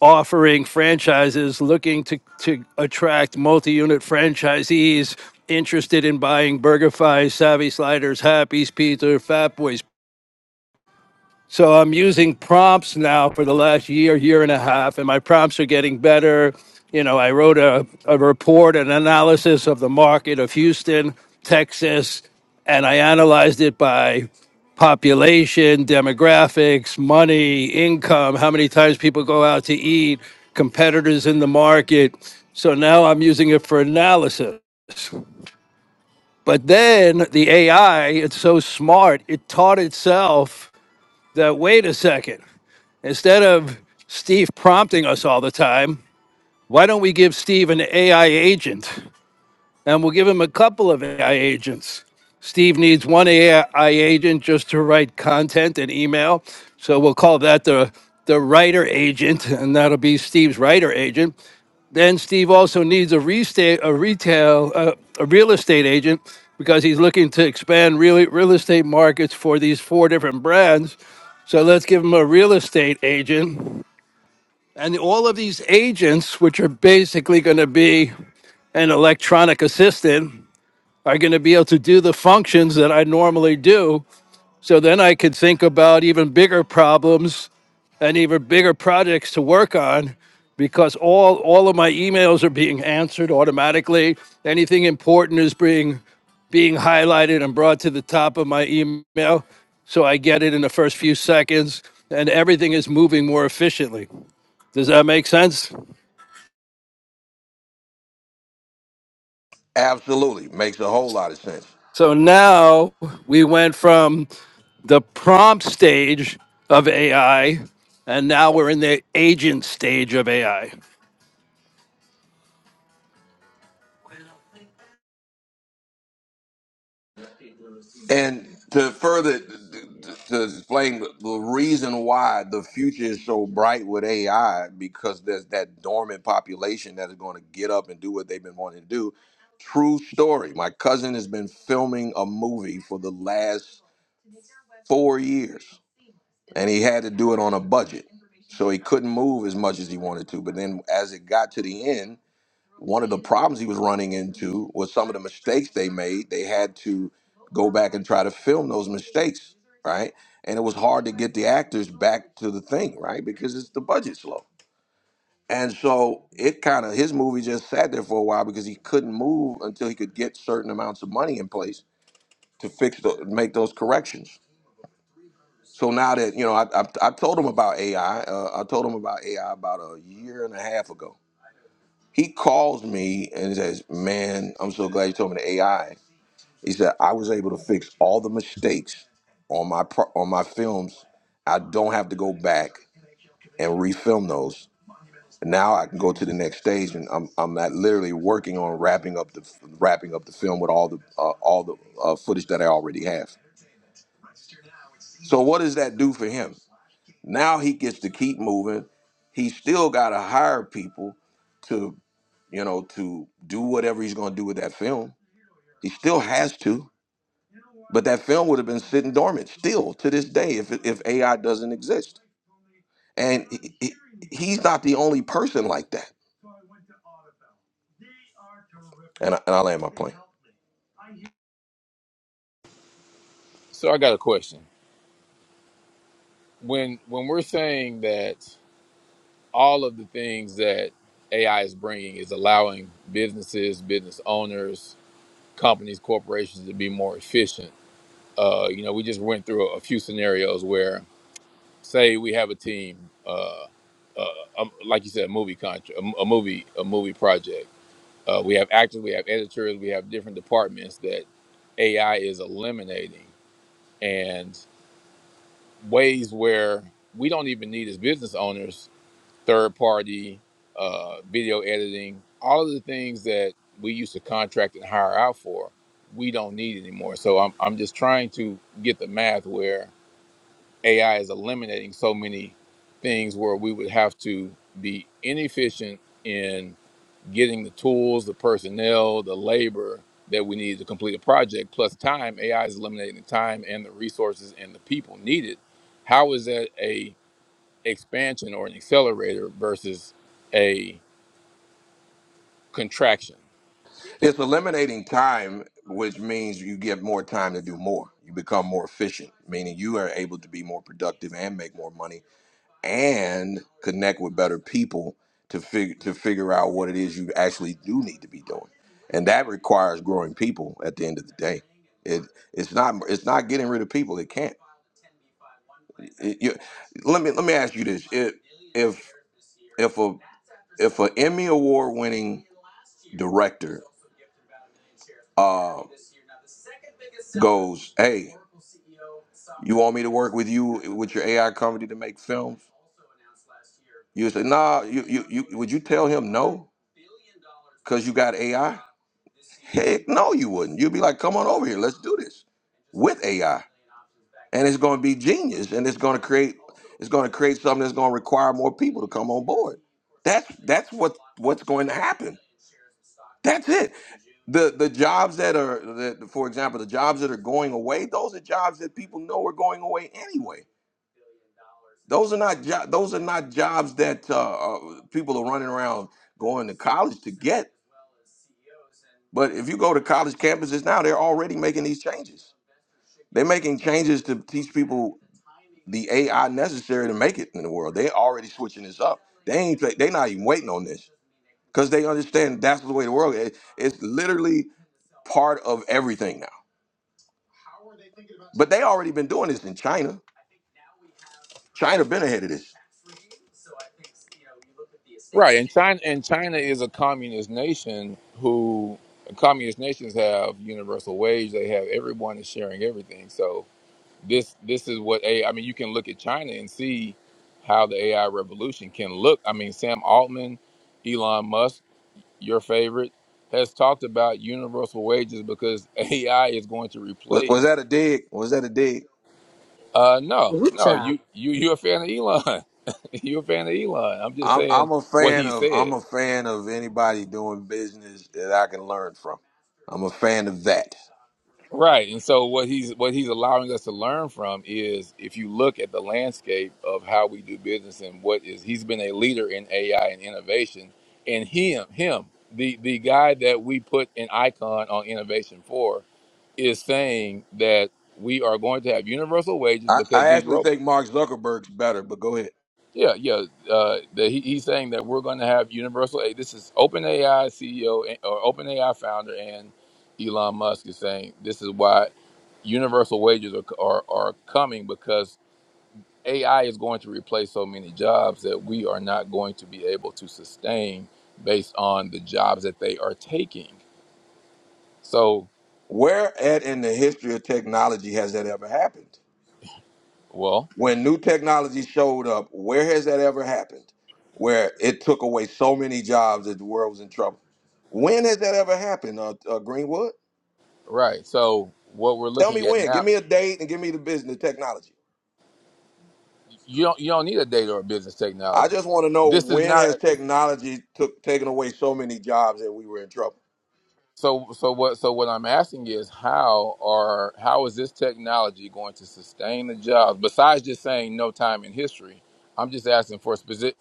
Speaker 8: offering franchises looking to, to attract multi-unit franchisees interested in buying BurgerFi, Savvy Sliders, Happy's Pizza, Fatboys so I'm using prompts now for the last year, year and a half, and my prompts are getting better. You know, I wrote a, a report, an analysis of the market of Houston, Texas, and I analyzed it by population, demographics, money, income, how many times people go out to eat, competitors in the market. So now I'm using it for analysis. But then the AI, it's so smart, it taught itself that wait a second. Instead of Steve prompting us all the time, why don't we give Steve an AI agent? And we'll give him a couple of AI agents. Steve needs one AI agent just to write content and email. So we'll call that the, the writer agent, and that'll be Steve's writer agent. Then Steve also needs a, resta- a retail, uh, a real estate agent because he's looking to expand real, real estate markets for these four different brands. So let's give him a real estate agent. And all of these agents, which are basically going to be an electronic assistant, are going to be able to do the functions that I normally do. So then I could think about even bigger problems and even bigger projects to work on because all, all of my emails are being answered automatically. Anything important is being, being highlighted and brought to the top of my email. So I get it in the first few seconds and everything is moving more efficiently. Does that make sense?
Speaker 1: Absolutely. Makes a whole lot of sense.
Speaker 8: So now we went from the prompt stage of AI, and now we're in the agent stage of AI.
Speaker 1: And to further to explain the reason why the future is so bright with AI, because there's that dormant population that is going to get up and do what they've been wanting to do. True story. My cousin has been filming a movie for the last four years, and he had to do it on a budget, so he couldn't move as much as he wanted to. But then, as it got to the end, one of the problems he was running into was some of the mistakes they made. They had to go back and try to film those mistakes, right? And it was hard to get the actors back to the thing, right? Because it's the budget's low. And so it kind of his movie just sat there for a while because he couldn't move until he could get certain amounts of money in place to fix the make those corrections. So now that you know, I I, I told him about AI. Uh, I told him about AI about a year and a half ago He calls me and says, Man, I'm so glad you told me the AI. He said, I was able to fix all the mistakes on my pro- on my films. I don't have to go back and refilm those. Now I can go to the next stage, and I'm I'm not literally working on wrapping up the wrapping up the film with all the uh, all the uh, footage that I already have. So what does that do for him? Now he gets to keep moving. He still got to hire people to, you know, to do whatever he's going to do with that film. He still has to, but that film would have been sitting dormant still to this day if if AI doesn't exist. And he, he- he's not the only person like that. And, I, and I land my plane.
Speaker 11: So I got a question. When when we're saying that all of the things that AI is bringing is allowing businesses, business owners, companies, corporations to be more efficient. Uh, you know, we just went through a, few scenarios where, say, we have a team, uh, uh, um, like you said, a movie contract, a, a movie, a movie project. Uh, we have actors, we have editors, we have different departments that AI is eliminating, and ways where we don't even need as business owners third party, uh, video editing, all of the things that we used to contract and hire out for, we don't need anymore. So I'm, I'm just trying to get the math where AI is eliminating so many things where we would have to be inefficient in getting the tools, the personnel, the labor that we need to complete a project, plus time. AI is eliminating the time and the resources and the people needed. How is that a expansion or an accelerator versus a contraction.
Speaker 1: It's eliminating time, which means you get more time to do more. You become more efficient, meaning you are able to be more productive and make more money and connect with better people to figure to figure out what it is you actually do need to be doing. And that requires growing people at the end of the day. It it's not it's not getting rid of people. It can't. It- you- let me let me ask you this. If if if a if an Emmy award winning director uh, goes, hey, you want me to work with you with your AI company to make films? You would say, nah, you, you, you would you tell him no? Because you got AI? Heck no, you wouldn't. You'd be like, come on over here, let's do this with AI. And it's gonna be genius and it's gonna create it's gonna create something that's gonna require more people to come on board. That's that's what what's going to happen. That's it. The the jobs that are that for example, the jobs that are going away, those are jobs that people know are going away anyway. Those are not jo- those are not jobs that uh, uh, people are running around going to college to get. But if you go to college campuses now, they're already making these changes. They're making changes to teach people the AI necessary to make it in the world. They're already switching this up. They ain't they're not even waiting on this because they understand that's the way the world is. It's literally part of everything now. But they already been doing this in China. China been ahead of this.
Speaker 11: Right, and China and China is a communist nation who communist nations have universal wage. They have everyone is sharing everything. So this this is what a I mean you can look at China and see how the AI revolution can look. I mean Sam Altman, Elon Musk, your favorite, has talked about universal wages because AI is going to
Speaker 1: Was, was
Speaker 11: replace.
Speaker 1: that a dig? Was that a dig?
Speaker 11: Uh, no,
Speaker 4: Woo
Speaker 11: no,
Speaker 4: child.
Speaker 11: you you you're a fan of Elon. you're a fan of Elon. I'm just
Speaker 1: I'm
Speaker 11: saying
Speaker 1: I'm a
Speaker 11: what
Speaker 1: fan
Speaker 11: he
Speaker 1: of I'm
Speaker 11: said.
Speaker 1: a fan of anybody doing business that I can learn from. I'm a fan of that.
Speaker 11: Right. And so what he's what he's allowing us to learn from is if you look at the landscape of how we do business and what is he's been a leader in AI and innovation and him him the the guy that we put an icon on innovation for is saying that we are going to have universal wages
Speaker 1: I,
Speaker 11: because
Speaker 1: I
Speaker 11: these
Speaker 1: actually
Speaker 11: robots.
Speaker 1: think Mark Zuckerberg's better, but go ahead.
Speaker 11: Yeah, yeah. Uh, the, he, he's saying that we're going to have universal. A This is OpenAI CEO and- or OpenAI founder and Elon Musk is saying this is why universal wages are, are are coming because AI is going to replace so many jobs that we are not going to be able to sustain based on the jobs that they are taking. So,
Speaker 1: Where at in the history of technology has that ever happened?
Speaker 11: well,
Speaker 1: When new technology showed up, where has that ever happened? Where it took away so many jobs that the world was in trouble. When has that ever happened, uh, uh, Greenwood?
Speaker 11: right. So what we're
Speaker 1: Tell me
Speaker 11: looking at
Speaker 1: when. Give
Speaker 11: now,
Speaker 1: me a date and give me the business, the technology.
Speaker 11: you don't you don't need a data or business
Speaker 1: I
Speaker 11: technology.
Speaker 1: just want to know
Speaker 11: This is
Speaker 1: when has
Speaker 11: not.
Speaker 1: technology took taken away so many jobs that we were in trouble.
Speaker 11: So, so what? So what I'm asking is, how are how is this technology going to sustain the jobs? Besides just saying no time in history, I'm just asking for specific,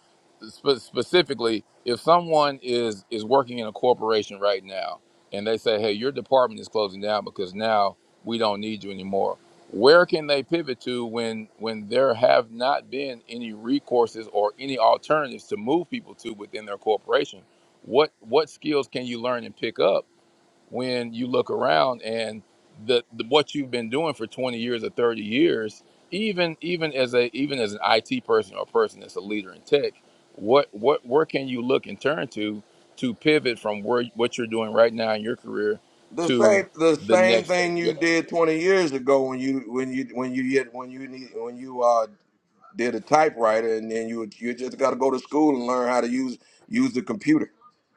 Speaker 11: spe- specifically, if someone is is working in a corporation right now and they say, hey, your department is closing down because now we don't need you anymore. Where can they pivot to when when there have not been any recourses or any alternatives to move people to within their corporation? What what skills can you learn and pick up? when you look around and the, the what you've been doing for 20 years or 30 years even even as a even as an IT person or a person that's a leader in tech what what where can you look and turn to to pivot from where what you're doing right now in your career
Speaker 1: The
Speaker 11: to
Speaker 1: same the
Speaker 11: the
Speaker 1: same
Speaker 11: next phase
Speaker 1: thing
Speaker 11: of your
Speaker 1: you did 20 years ago when you when you when you get when you need when you uh did a typewriter and then you you just got to go to school and learn how to use use the computer.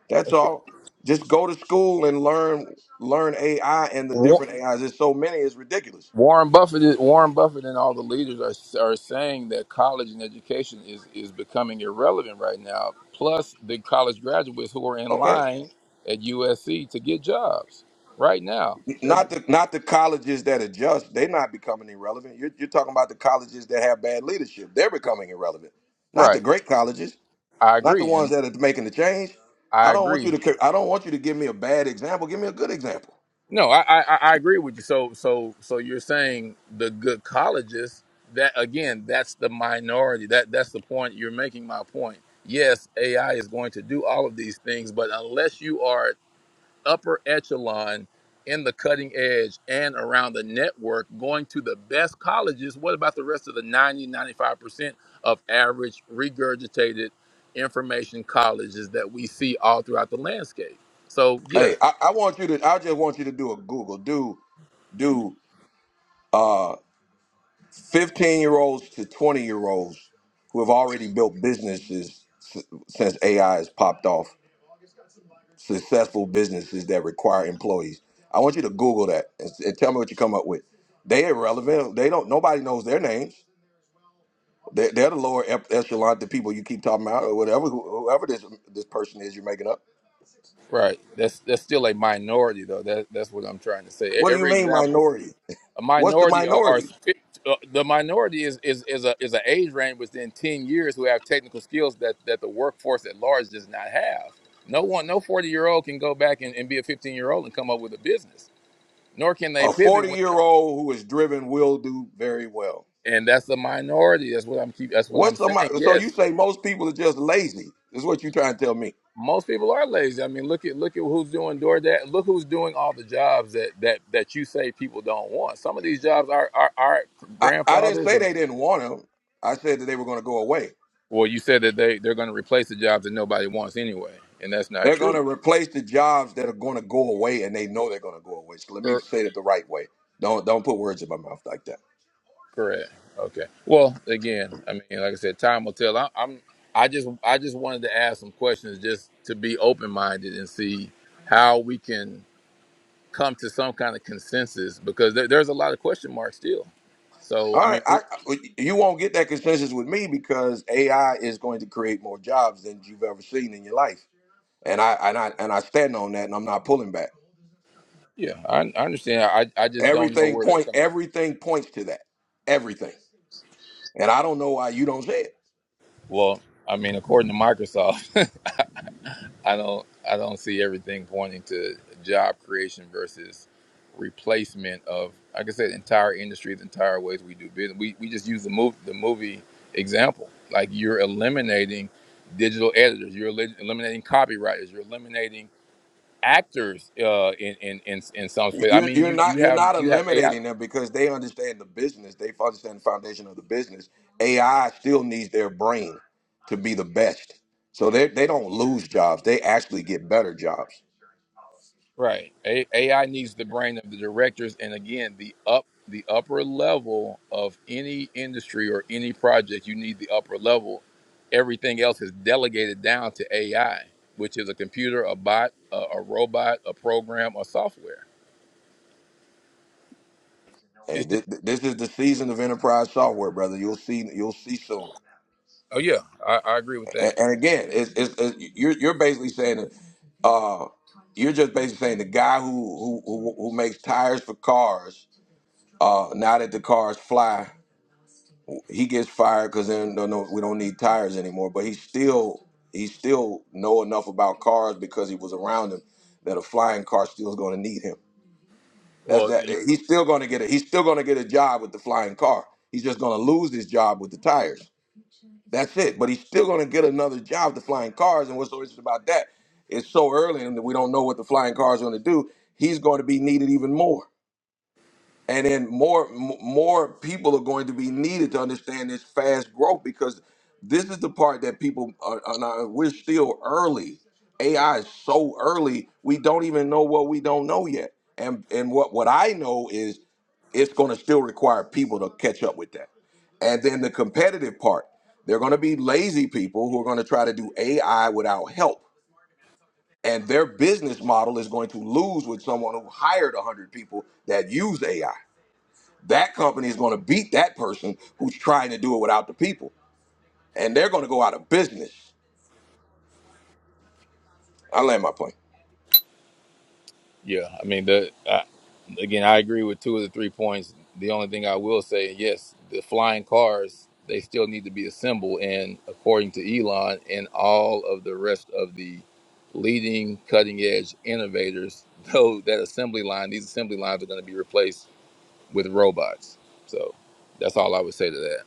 Speaker 1: That's all. Just go to school and learn learn AI and the
Speaker 11: life
Speaker 1: different AIs. There's so many, it's ridiculous.
Speaker 11: Warren Buffett, is- Warren Buffett, and all the leaders are are saying that college and education is is becoming irrelevant right now. Plus, the college graduates who are in
Speaker 1: Okay.
Speaker 11: line at USC to get jobs right now. They're,
Speaker 1: Not the not the colleges that adjust. they're not becoming irrelevant. You're, you're talking about the colleges that have bad leadership. They're becoming irrelevant. Not the
Speaker 11: right,
Speaker 1: great colleges.
Speaker 11: I
Speaker 1: Not the
Speaker 11: agree,
Speaker 1: ones
Speaker 11: and
Speaker 1: that are making the change.
Speaker 11: I
Speaker 1: I don't want you
Speaker 11: agree.
Speaker 1: to. I don't want you to give me a bad example. Give me a good example.
Speaker 11: No, I, I I I agree with you. So so so you're saying the good colleges that again that's the minority. That that's the point you're making. My point. Yes, AI is going to do all of these things, but unless you are upper echelon in the cutting edge and around the network going to the best colleges what about the rest of the 90 95% of average regurgitated information colleges that we see all throughout the landscape so yeah
Speaker 1: Hey, I, I want you to. I just want you to do a Google. Do do uh, fifteen year olds to twenty year olds who have already built businesses s- since AI has popped off. successful businesses that require employees. I want you to Google that and, s- and tell me what you come up with. They irrelevant. They don't. Nobody knows their names. They're, they're the lower ep- echelon, the people you keep talking about, or whatever. who- Whoever this this person is, you're making up.
Speaker 11: right that's that's still a minority though that, that's what i'm trying to say E-
Speaker 1: What do you
Speaker 11: every
Speaker 1: mean
Speaker 11: example
Speaker 1: minority?
Speaker 11: a
Speaker 1: What's the
Speaker 11: minority are, are
Speaker 1: minority?
Speaker 11: sp- uh, the minority is is is a is an age range within ten years who have technical skills that that the workforce at large does not have. No one, no forty year old can go back and, and be a fifteen year old and come up with a business. Nor can they
Speaker 1: A
Speaker 11: pivot.
Speaker 1: 40
Speaker 11: When,
Speaker 1: year old who is driven will do very well.
Speaker 11: and that's the minority. That's what I'm keep. That's what I'm
Speaker 1: What's
Speaker 11: saying.
Speaker 1: somebody? So you
Speaker 11: Yes,
Speaker 1: say most people are just lazy? Is what you trying to tell me?
Speaker 11: most people are lazy. I mean, look at look at who's doing DoorDash. Look who's doing all the jobs that that that you say people don't want. Some of these jobs are are, are
Speaker 1: I, I didn't
Speaker 11: grandfathers
Speaker 1: say they didn't want them. I said that they were going to go away.
Speaker 11: Well, you said that they they're going to replace the jobs that nobody wants anyway, and that's not
Speaker 1: They're going
Speaker 11: true.
Speaker 1: to replace the jobs that are going to go away, and they know they're going to go away. So let me
Speaker 11: Cor-
Speaker 1: say it the right way. Don't don't put words in my mouth like that.
Speaker 11: correct. Okay. Well, again, I mean, like I said, time will tell. I, I'm I just I just wanted to ask some questions just to be open minded and see how we can come to some kind of consensus because there, there's a lot of question marks still. So
Speaker 1: All
Speaker 11: I mean,
Speaker 1: right,
Speaker 11: we,
Speaker 1: I, I- you won't get that consensus with me because AI is going to create more jobs than you've ever seen in your life, and I and I and I stand on that, and I'm not pulling back.
Speaker 11: yeah, I, I understand. I I just don't know
Speaker 1: Everything
Speaker 11: where they're
Speaker 1: point
Speaker 11: coming.
Speaker 1: everything points to that. Everything, and I don't know why you don't say it.
Speaker 11: Well, I mean, according to Microsoft. I don't I don't see everything pointing to job creation versus replacement of like I said entire industries, entire ways we do business. We we just use the move the movie example. Like you're eliminating digital editors, you're eli- eliminating copywriters, you're eliminating actors uh, in, in in in some space. I
Speaker 1: you
Speaker 11: mean,
Speaker 1: you're
Speaker 11: you you
Speaker 1: not you're not
Speaker 11: have you have AI.
Speaker 1: eliminating them because they understand the business. They understand the foundation of the business. AI still needs their brain to be the best. So they they don't lose jobs. They actually get better jobs.
Speaker 11: Right. A- AI needs the brain of the directors and again the up the upper level of any industry or any project you need the upper level. Everything else is delegated down to AI, which is a computer, a bot, a, a robot, a program, or software.
Speaker 1: Hey,
Speaker 11: It's just,
Speaker 1: this, this is the season of enterprise software, brother. You'll see you'll see soon.
Speaker 11: oh yeah, I, I agree with that.
Speaker 1: And, and again, it's, it's, it's you're you're basically saying that uh, you're just basically saying the guy who who who, who makes tires for cars. Uh, now that the cars fly, he gets fired because then no, no, we don't need tires anymore. But he still he still know enough about cars because he was around him that a flying car still is going to need him. That's
Speaker 11: Well,
Speaker 1: that. eh, He's still going to get it. He's still going to get a job with the flying car. He's just going to lose his job with the tires. That's it. But he's still going to get another job with the flying cars. And what's so interesting about that? It's so early and we don't know what the flying car is going to do. He's going to be needed even more and then more m- more people are going to be needed to understand this fast growth because this is the part that people are, are not, we're still early ai is so early we don't even know what we don't know yet and and what what i know is it's going to still require people to catch up with that and then the competitive part they're going to be lazy people who are going to try to do ai without help and their business model is going to lose with someone who hired 100 people that use ai that company is going to beat that person who's trying to do it without the people, and they're going to go out of business. I land my plane.
Speaker 11: Yeah, I mean the I, again, I agree with two of the three points. The only thing I will say, yes, the flying cars they still need to be assembled, and according to Elon and all of the rest of the leading cutting edge innovators, though that assembly line, these assembly lines are going to be replaced with robots. So that's all I would say to that.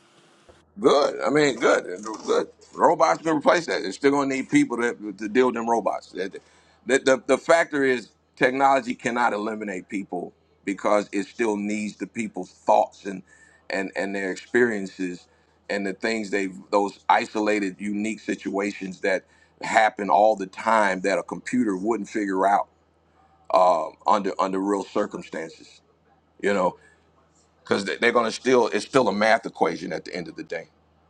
Speaker 1: Good. I mean, good. Good. Robots can replace that. They're still going to need people to, to deal with them robots. The, the, the, the factor is technology cannot eliminate people because it still needs the people's thoughts and, and, and their experiences and the things they've, those isolated, unique situations that happen all the time that a computer wouldn't figure out um, under under real circumstances, you know, because they're going to still it's still a math equation at the end of the day.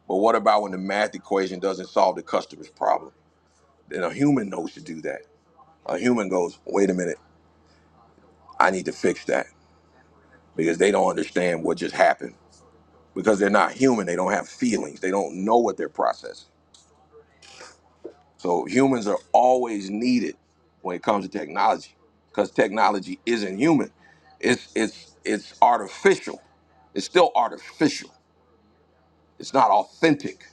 Speaker 1: But what about when the math equation doesn't solve the customer's problem? Then a human knows to do that. A human goes, wait a minute, I need to fix that because they don't understand what just happened because they're not human. They don't have feelings. They don't know what they're processing. So humans are always needed when it comes to technology, because technology isn't human. It's it's it's artificial. It's still artificial. It's not authentic.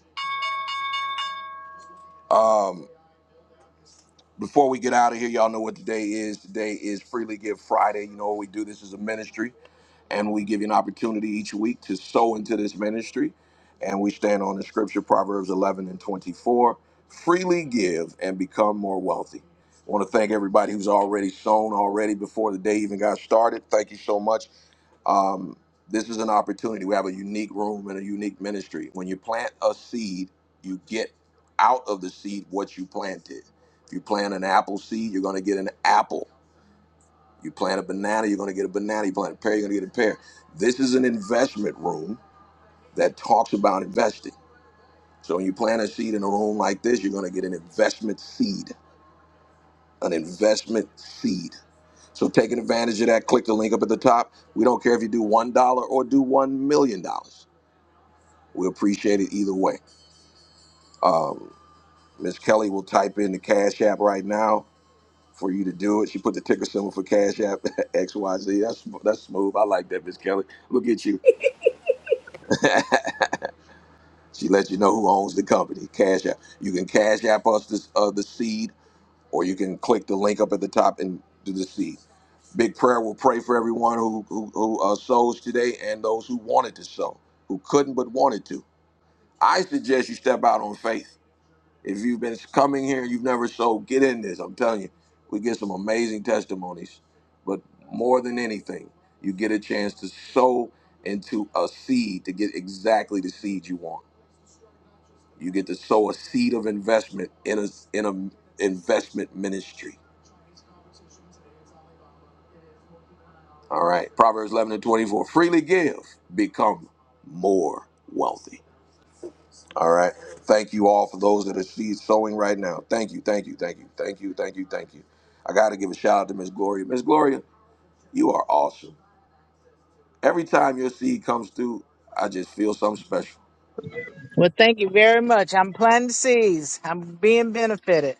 Speaker 1: Um, before we get out of here, y'all know what today is. Today is Freely Give Friday. You know what we do? This is a ministry, and we give you an opportunity each week to sow into this ministry. And we stand on the scripture, Proverbs 11 and 24. Freely give and become more wealthy. I want to thank everybody who's already sown already before the day even got started. Thank you so much. Um, this is an opportunity. We have a unique room and a unique ministry. When you plant a seed, you get out of the seed what you planted. If you plant an apple seed, you're going to get an apple. You plant a banana, you're going to get a banana. You plant a pear, you're going to get a pear. This is an investment room that talks about investing. So when you plant a seed in a room like this, you're going to get an investment seed. An investment seed. So taking advantage of that, click the link up at the top. We don't care if you do $1 or do $1 million. dollars. We appreciate it either way. Um, Miss Kelly will type in the Cash App right now for you to do it. She put the ticker symbol for Cash App XYZ. That's that's smooth. I like that, Miss Kelly. Look at you. she lets you know who owns the company. Cash App. You can Cash App us this uh, the seed, or you can click the link up at the top and do the seed. Big prayer will pray for everyone who who, who uh, sows today and those who wanted to sow, who couldn't but wanted to. I suggest you step out on faith If you've been coming here and you've never sold, get in this. I'm telling you, we get some amazing testimonies. But more than anything, you get a chance to sow into a seed to get exactly the seed you want. You get to sow a seed of investment in a in a investment ministry. All right. Proverbs 11 and 24. Freely give, become more wealthy. All right. Thank you all for those that are seed sowing right now. Thank you, thank you, thank you, thank you, thank you, thank you. I got to give a shout out to Miss Gloria. Miss Gloria, you are awesome. Every time your seed comes through, I just feel something special.
Speaker 12: Well, thank you very much. I'm planting seeds. I'm being benefited.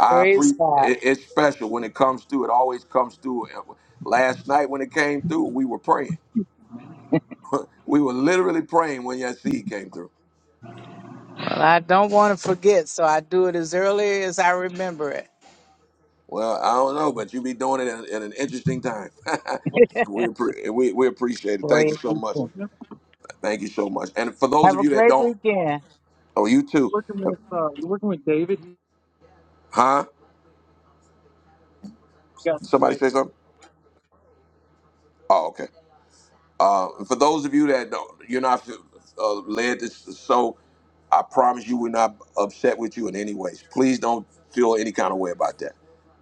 Speaker 1: I pre
Speaker 12: Praise God.
Speaker 1: it, it's special when it comes through. It always comes through. And Last night when it came through, we were praying. we were literally praying when your seed came through.
Speaker 12: Well, I don't want to forget, so I do it as early as I remember it.
Speaker 1: Well, I don't know, but you be doing it at, at an interesting time. we, appre- we we appreciate it. Thank
Speaker 12: Glory
Speaker 1: you so
Speaker 12: be
Speaker 1: much.
Speaker 12: to you.
Speaker 1: Thank you so much. And for those
Speaker 12: Have
Speaker 1: of
Speaker 12: a
Speaker 1: you that
Speaker 12: great
Speaker 1: don't,
Speaker 12: weekend.
Speaker 1: oh, you too,
Speaker 12: Working with uh, you're working with David. You
Speaker 1: huh?
Speaker 12: got
Speaker 1: Somebody
Speaker 12: with
Speaker 1: say something. Oh, okay. Uh, for those of you that don't, you're not uh, led to so I promise you, we're not upset with you in any ways. Please don't feel any kind of way about that.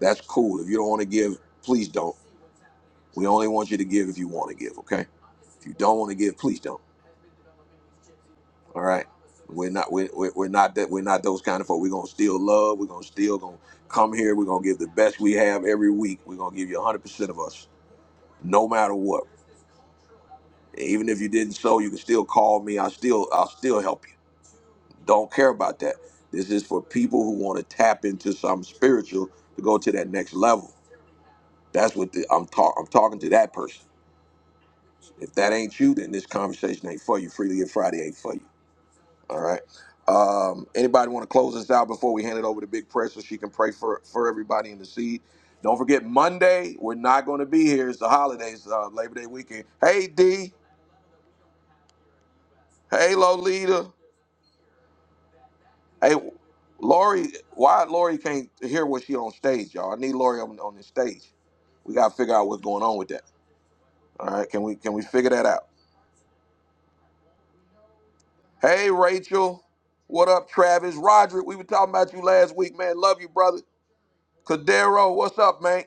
Speaker 1: That's cool. If you don't want to give, please don't. We only want you to give if you want to give. Okay. If you don't want to give, please don't. All right. We're not we're, we're we're not that we're not those kind of folk. We're gonna still love. We're gonna still gonna come here. We're gonna give the best we have every week. We're gonna give you hundred percent of us, no matter what. Even if you didn't so, you can still call me. I still I'll still help you. Don't care about that. This is for people who want to tap into something spiritual to go to that next level. That's what the, I'm talking. I'm talking to that person. If that ain't you, then this conversation ain't for you. Freely Give Friday ain't for you. All right. Um, anybody want to close this out before we hand it over to Big Prayer so she can pray for, for everybody in the seed? Don't forget, Monday, we're not going to be here. It's the holidays, uh, Labor Day weekend. Hey, D. Hey, Lolita. Hey, Lori. Why Lori can't hear what she on stage, y'all? I need Lori on, on the stage. We got to figure out what's going on with that. All right. Can we can we figure that out? Hey, Rachel. What up, Travis? Roderick, we were talking about you last week, man. Love you, brother. Cadero, what's up, man?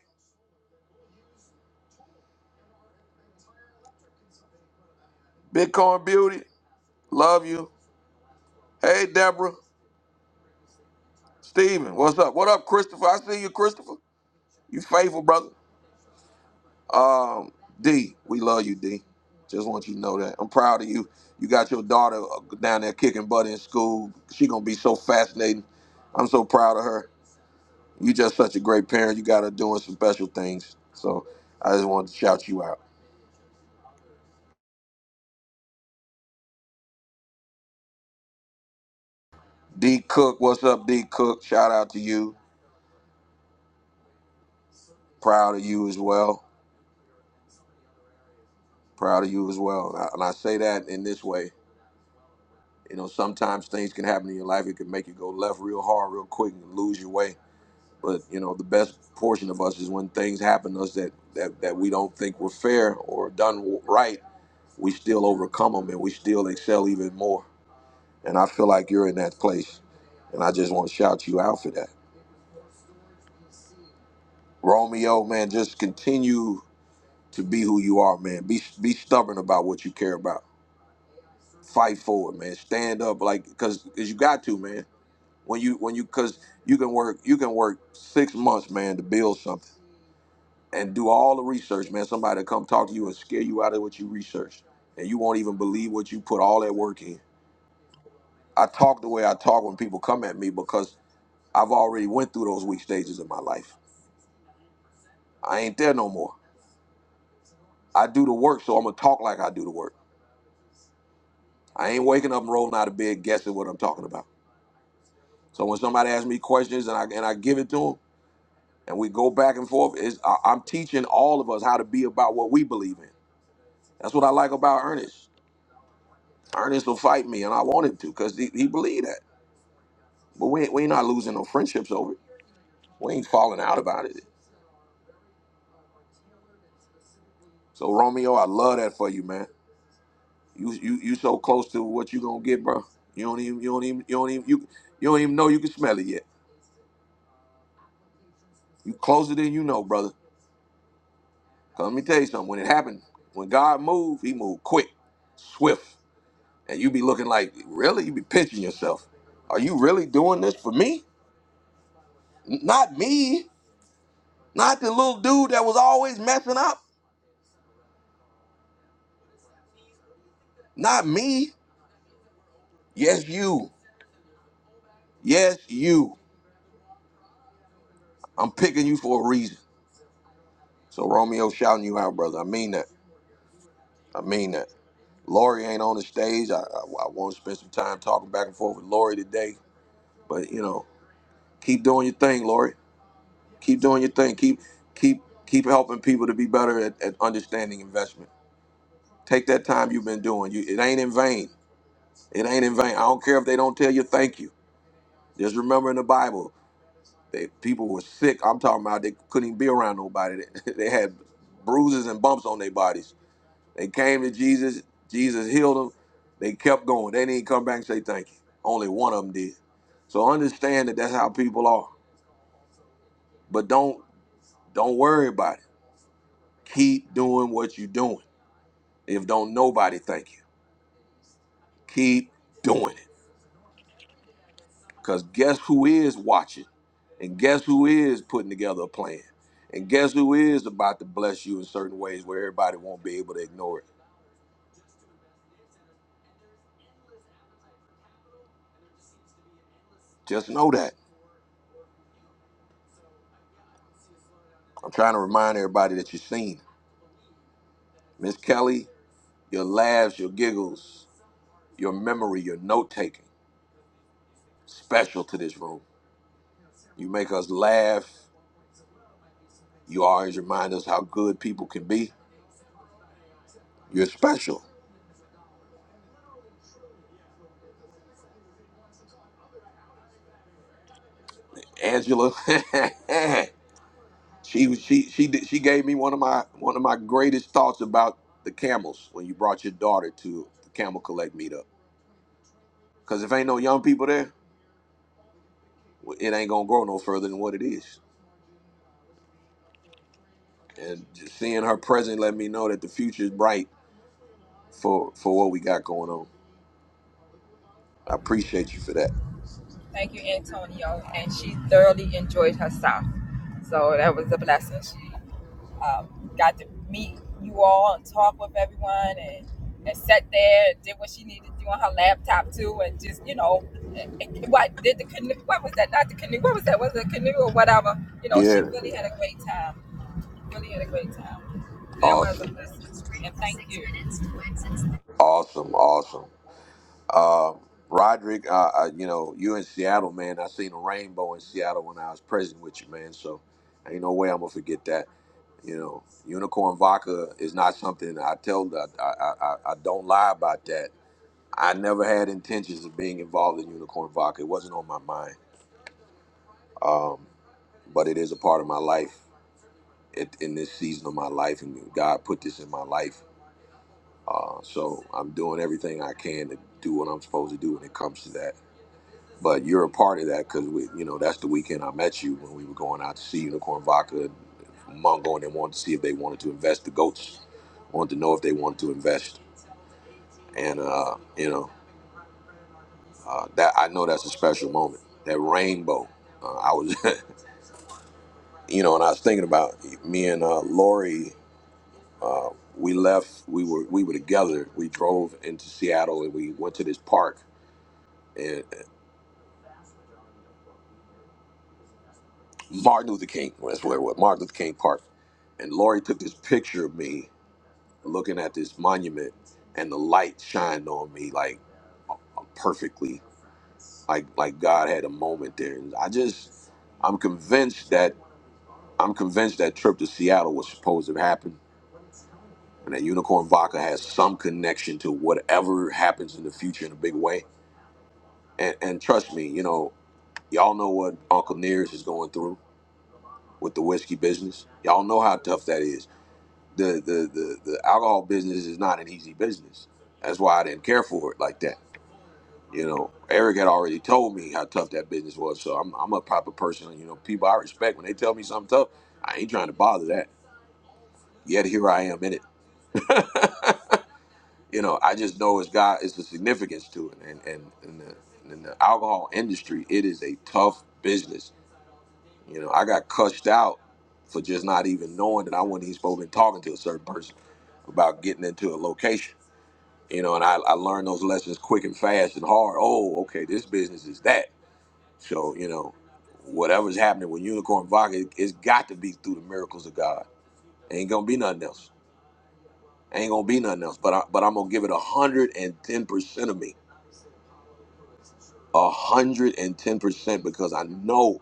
Speaker 1: Bitcoin Beauty, love you. Hey, Deborah, Steven, what's up? What up, Christopher? I see you, Christopher. You faithful, brother. Um, D, we love you, D. Just want you to know that. I'm proud of you. You got your daughter uh, down there kicking butt in school. She gonna be so fascinating. I'm so proud of her. You just such a great parent. You got her doing some special things. So I just wanted to shout you out. D Cook, what's up, D Cook? Shout out to you. Proud of you as well. Proud of you as well. And I and I say that in this way. You know, sometimes things can happen in your life. It can make you go left real hard, real quick, and lose your way. But you know, the best portion of us is when things happen to us that that, that we don't think were fair or done right. We still overcome them, and we still excel even more. And I feel like you're in that place, and I just want to shout you out for that, Romeo. Man, just continue to be who you are, man. Be be stubborn about what you care about. Fight for it, man. Stand up, like, cause, cause you got to, man. when you when you because you can work you can work six months man to build something and do all the research man somebody will come talk to you and scare you out of what you researched and you won't even believe what you put all that work in i talk the way i talk when people come at me because i've already went through those weak stages in my life i ain't there no more i do the work so i'm gonna talk like i do the work i ain't waking up and rolling out of bed guessing what i'm talking about so when somebody asks me questions and i and i give it to them and we go back and forth is i'm teaching all of us how to be about what we believe in That's what I like about Ernest. Ernest will fight me, and I want him to because he, he believe that. But we ain't, we ain't not losing no friendships over it. We ain't falling out about it. So Romeo, I love that for you, man. You you you so close to what you gonna get, bro. You don't even you don't even you don't even you you don't even know you can smell it yet. You closer than you know, brother. 'Cause let me tell you something. When it happened, when God moved, He moved quick, swift, and you be looking like, really? You be pinching yourself. Are you really doing this for me? N- Not me. Not the little dude that was always messing up. Not me. Yes, you. Yes, you. I'm picking you for a reason. So Romeo shouting you out, brother. I mean that. I mean that. Lori ain't on the stage. I, I, I want to spend some time talking back and forth with Lori today. But you know, keep doing your thing, Lori. Keep doing your thing. Keep keep keep helping people to be better at, at understanding investment. Take that time you've been doing. You, it ain't in vain. It ain't in vain. I don't care if they don't tell you thank you. Just remember in the Bible, They people were sick. I'm talking about they couldn't even be around nobody. They, they had bruises and bumps on their bodies. They came to Jesus. Jesus healed them. They kept going. They didn't come back and say thank you. Only one of them did. So understand that that's how people are. But don't don't worry about it. Keep doing what you're doing. If don't nobody thank you, keep doing it. Because guess who is watching? And guess who is putting together a plan? And guess who is about to bless you in certain ways where everybody won't be able to ignore it? Just know that. I'm trying to remind everybody that you're seen. Miss Kelly, your laughs, your giggles, your memory, your note taking, special to this room. You make us laugh. You always remind us how good people can be. You're special. Angela, She she she did, she gave me one of my one of my greatest thoughts about the camels when you brought your daughter to the camel collect meetup. Cause if ain't no young people there, well, it ain't gonna grow no further than what it is. And just seeing her present let me know that the future is bright for for what we got going on. I appreciate you for that.
Speaker 2: Thank you, Antonio. And she thoroughly enjoyed herself. So that was a blessing. She um, got to meet you all and talk with everyone and, and sat there and did what she needed to do on her laptop too and just, you know, and- and what did the canoe, what was that? Not the canoe, what was that? Was it a canoe or whatever? You know, she
Speaker 1: Yeah,
Speaker 2: really had a great time. Really had a great time. That was a
Speaker 1: awesome,
Speaker 2: blessing. And thank you.
Speaker 1: awesome, awesome. Uh, Roderick, uh, uh, you know, you in Seattle, man. I seen a rainbow in Seattle when I was present with you, man. So ain't no way I'm gonna forget that. You know, unicorn vodka is not something I tell. I, I, I, I don't lie about that. I never had intentions of being involved in unicorn vodka. It wasn't on my mind. Um, but it is a part of my life it, in this season of my life, and God put this in my life. Uh, so I'm doing everything I can to do what I'm supposed to do when it comes to that. But you're a part of that because we, you know, that's the weekend I met you when we were going out to see Unicorn Vodka and Mungo, and they wanted to see if they wanted to invest. The goats wanted to know if they wanted to invest, and uh, you know, uh, that I know that's a special moment. That rainbow, uh, I was, you know, and I was thinking about me and uh, Lori. Uh, we left. We were we were together. We drove into Seattle and we went to this park and Martin Luther King. That's where it was. Martin Luther King Park and Lori took this picture of me looking at this monument and the light shined on me like perfectly like like god had a moment there and i just i'm convinced that i'm convinced that trip to seattle was supposed to happen and that unicorn vodka has some connection to whatever happens in the future in a big way and and trust me you know y'all know what uncle nears is going through with the whiskey business y'all know how tough that is the the the, the alcohol business is not an easy business that's why i didn't care for it like that you know, Eric had already told me how tough that business was. So I'm, I'm a proper person. You know, people I respect when they tell me something tough, I ain't trying to bother that. Yet here I am in it. you know, I just know it's God, it's the significance to it. And, and, and, the, in the alcohol industry, it is a tough business. You know, I got cussed out for just not even knowing that I wasn't even supposed to be talking to a certain person about getting into a location. You know, and I, I learned those lessons quick and fast and hard. Oh, okay, this business is that. So, you know, whatever's happening with Unicorn Vodka, it, it's got to be through the miracles of God. Ain't gonna be nothing else. Ain't gonna be nothing else. But I, but I'm gonna give it one hundred and ten percent of me, one hundred and ten percent, because I know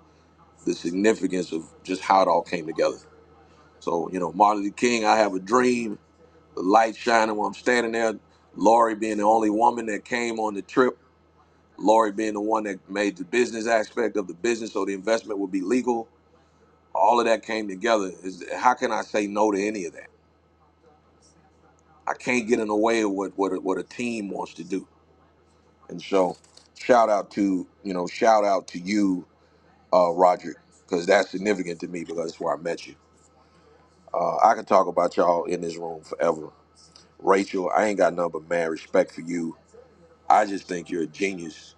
Speaker 1: the significance of just how it all came together. So, you know, Martin Luther King, I have a dream. The light shining while I'm standing there. Lori being the only woman that came on the trip. Lori being the one that made the business aspect of the business, so the investment would be legal all of that came together. Is how can I say no to any of that? I can't get in the way of what what a, what a team wants to do. And so, shout out to you know, shout out to you, uh, Roger, because that's significant to me because that's where I met you. Uh, I can talk about y'all in this room forever. Rachel, I ain't got nothing but man respect for you. I just think you're a genius,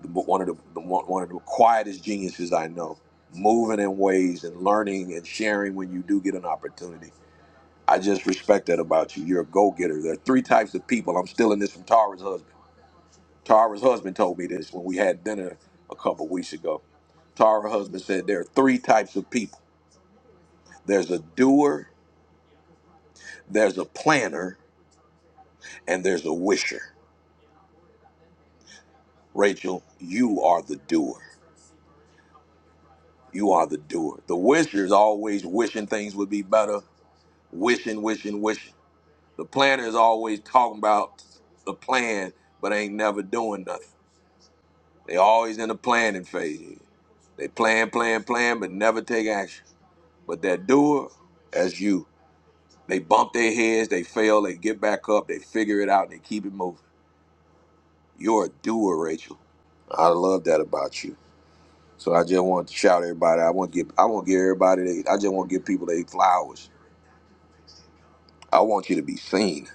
Speaker 1: The- one of the, the one one of the quietest geniuses I know. Moving in ways and learning and sharing when you do get an opportunity I just respect that about you. You're a go getter. There are three types of people. I'm stealing this from Tara's husband. Tara's husband told me this when we had dinner a couple weeks ago. Tara's husband said there are three types of people there's a doer, there's a planner, and there's a wisher. Rachel, you are the doer. You are the doer. The wisher is always wishing things would be better, wishing, wishing, wishing. The planner is always talking about the plan, but ain't never doing nothing. They always in the planning phase. They plan, plan, plan, but never take action. But that doer, that's you. They bump their heads, they fail, they get back up, they figure it out, they keep it moving. You're a doer, Rachel. I love that about you. So I just want to shout everybody. I want to give. I want to give everybody. They, I just want to give people their flowers. I want you to be seen.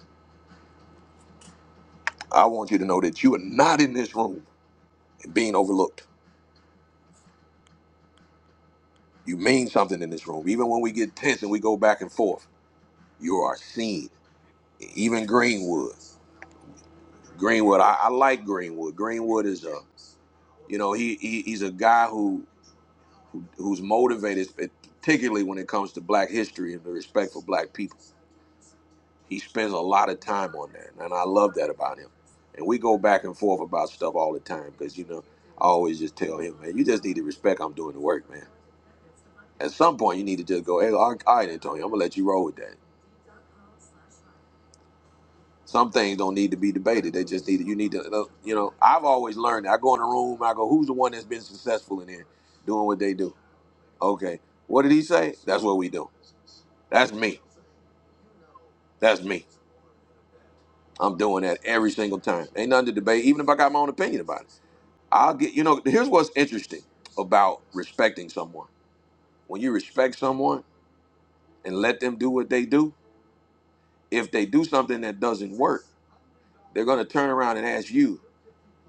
Speaker 1: I want you to know that you are not in this room and being overlooked. You mean something in this room. Even when we get tense and we go back and forth, you are seen. even Greenwood. Greenwood, I, I like Greenwood. Greenwood is a, you know, he, he he's a guy who, who who's motivated, particularly when it comes to Black history and the respect for Black people. He spends a lot of time on that, and I love that about him. And we go back and forth about stuff all the time because you know I always just tell him, man, you just need to respect I'm doing the work, man. At some point, you need to just go, hey, all right, Antonio, I'm gonna let you roll with that. Some things don't need to be debated. They just need you need to you know. I've always learned. that. I go in a room. I go, who's the one that's been successful in here, doing what they do? Okay, what did he say? That's what we do. That's me. That's me. I'm doing that every single time. Ain't nothing to debate. Even if I got my own opinion about it, I'll get. You know, here's what's interesting about respecting someone. When you respect someone and let them do what they do, if they do something that doesn't work, they're gonna turn around and ask you,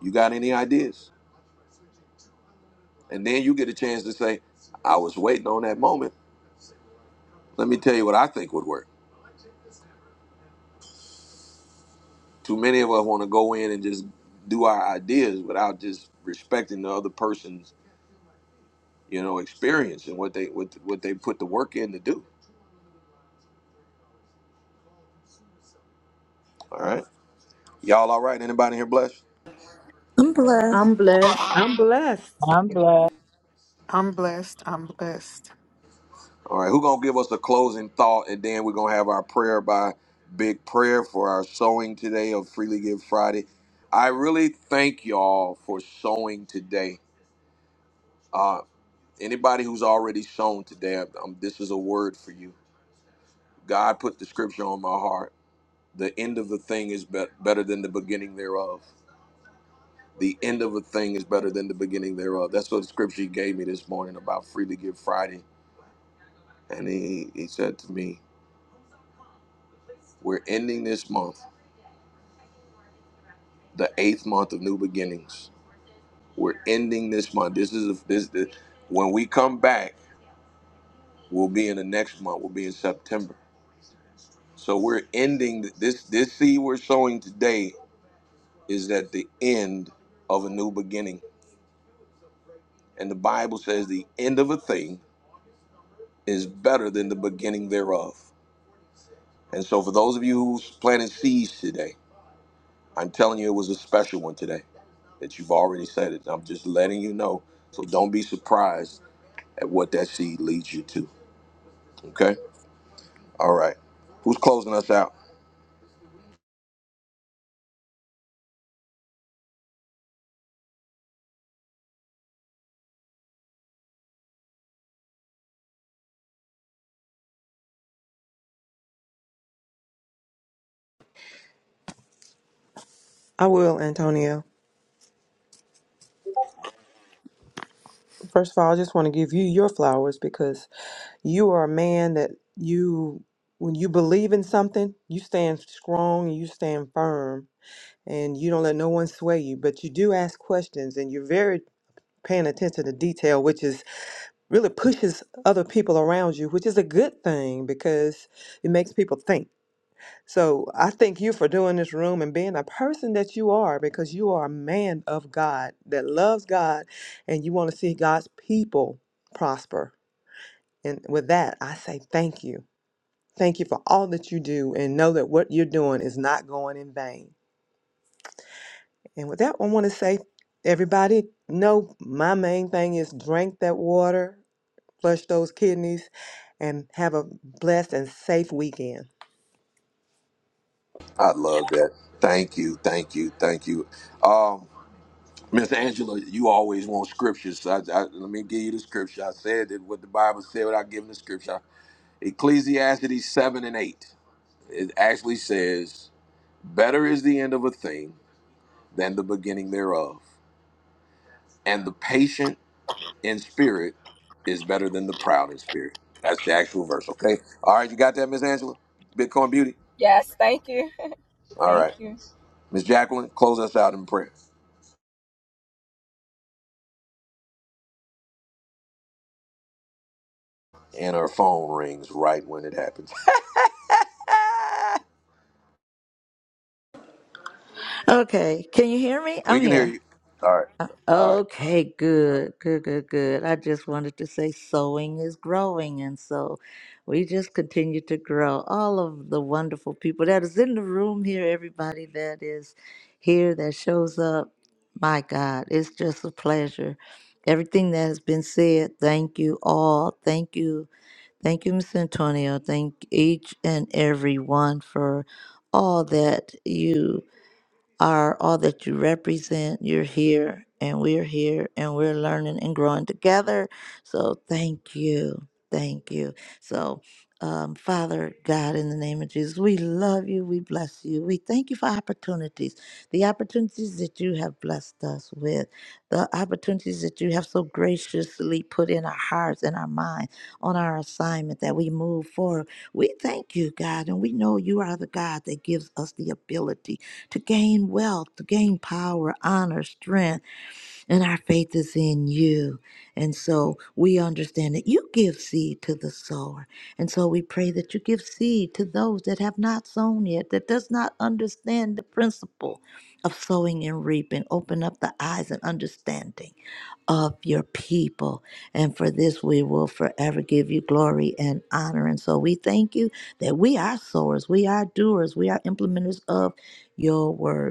Speaker 1: "You got any ideas?" And then you get a chance to say, I was waiting on that moment. Let me tell you what I think would work. Too many of us want to go in and just do our ideas without just respecting the other person's, you know, experience and what they what what they put the work in to do. All right. Y'all all right? Anybody here blessed?
Speaker 3: I'm blessed.
Speaker 4: I'm blessed.
Speaker 9: I'm blessed.
Speaker 12: I'm blessed.
Speaker 13: I'm blessed. I'm blessed.
Speaker 1: All right, who gonna give us a closing thought and then we're gonna have our prayer by big prayer for our sowing today of Freely Give Friday. I really thank y'all for sowing today. Uh, Anybody who's already sown today, i this is a word for you. God put the scripture on my heart. The end of the thing is bet better than the beginning thereof. The end of a thing is better than the beginning thereof. That's what the scripture he gave me this morning about Freely Give Friday. And he, he said to me, We're ending this month, the eighth month of new beginnings. We're ending this month. This is a, this, this when we come back, we'll be in the next month, we'll be in September. So we're ending th- this this seed we're sowing today is at the end of a new beginning. And the Bible says the end of a thing is better than the beginning thereof. And so, for those of you who planted seeds today, I'm telling you it was a special one today that you've already said it. I'm just letting you know. So, don't be surprised at what that seed leads you to. Okay? All right. Who's closing us out?
Speaker 9: I will, Antonio. First of all, I just want to give you your flowers because you are a man that you, when you believe in something, you stand strong, you stand firm, and you don't let no one sway you. But you do ask questions, and you're very paying attention to detail, which is really pushes other people around you, which is a good thing because it makes people think. So I thank you for doing this room and being a person that you are because you are a man of God that loves God and you want to see God's people prosper. And with that, I say thank you. Thank you for all that you do and know that what you're doing is not going in vain. And with that, I want to say, everybody, know my main thing is drink that water flush those kidneys, and have a blessed and safe weekend.
Speaker 1: I love that. Thank you. Thank you. Thank you. Um. Miss Angela, you always want scriptures. So I, I, let me give you the scripture. I said that what the Bible said without giving the scripture. Ecclesiastes 7 and 8. It actually says, Better is the end of a thing than the beginning thereof. And the patient in spirit is better than the proud in spirit. That's the actual verse, okay? All right, you got that, Miss Angela? Bitcoin Beauty?
Speaker 2: Yes, thank you.
Speaker 1: All
Speaker 2: Thank
Speaker 1: right.
Speaker 2: you.
Speaker 1: Miss Jacqueline, close us out in prayer. And her phone rings right when it happens.
Speaker 3: Okay, can you hear me?
Speaker 1: we
Speaker 3: I'm
Speaker 1: can hear
Speaker 3: here.
Speaker 1: you. All right. All right.
Speaker 3: Okay, good, good, good, good. I just wanted to say sowing is growing, and so we just continue to grow. All of the wonderful people that is in the room here, everybody that is here that shows up, my God, it's just a pleasure. Everything that has been said, thank you all. Thank you. Thank you, Miss Antonio. Thank each and every one for all that you are all that you represent. You're here, and we're here, and we're learning and growing together. So thank you. Thank you. So, um, Father God, in the name of Jesus, we love you. We bless you. We thank you for opportunities, the opportunities that you have blessed us with, the opportunities that you have so graciously put in our hearts and our minds on our assignment that we move forward. We thank you, God, and we know you are the God that gives us the ability to gain wealth, to gain power, honor, strength, and our faith is in you. And so we understand that you give seed to the sower. And so we pray that you give seed to those that have not sown yet, that does not understand the principle of sowing and reaping. Open up the eyes and understanding of your people. And for this, we will forever give you glory and honor. And so we thank you that we are sowers, we are doers, we are implementers of your word.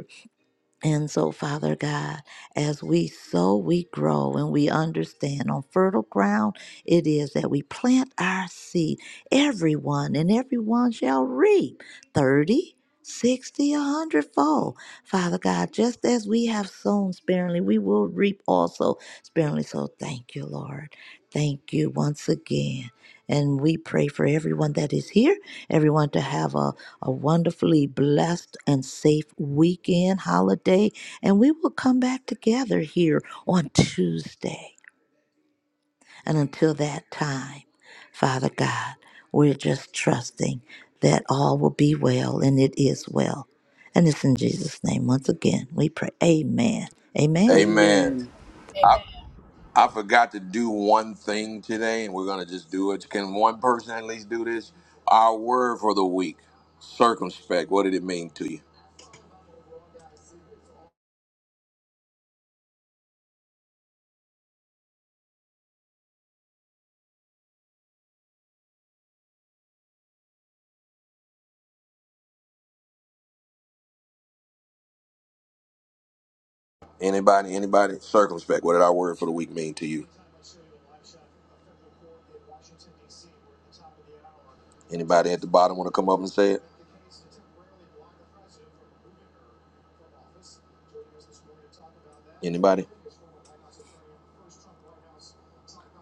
Speaker 3: And so, Father God, as we sow, we grow, and we understand on fertile ground it is that we plant our seed, everyone, and everyone shall reap 30, 60, a hundredfold. Father God, just as we have sown sparingly, we will reap also sparingly. So, thank you, Lord. Thank you once again. And we pray for everyone that is here, everyone to have a, a wonderfully blessed and safe weekend, holiday. And we will come back together here on Tuesday. And until that time, Father God, we're just trusting that all will be well, and it is well. And it's in Jesus' name once again we pray. Amen. Amen.
Speaker 1: Amen.
Speaker 4: Amen.
Speaker 2: Amen.
Speaker 1: I, I forgot to do one thing today, and we're going to just do it. Can one person at least do this? Our word for the week circumspect. What did it mean to you? Anybody, anybody? Circumspect. What did our word for the week mean to you? Anybody at the bottom want to come up and say it? Anybody?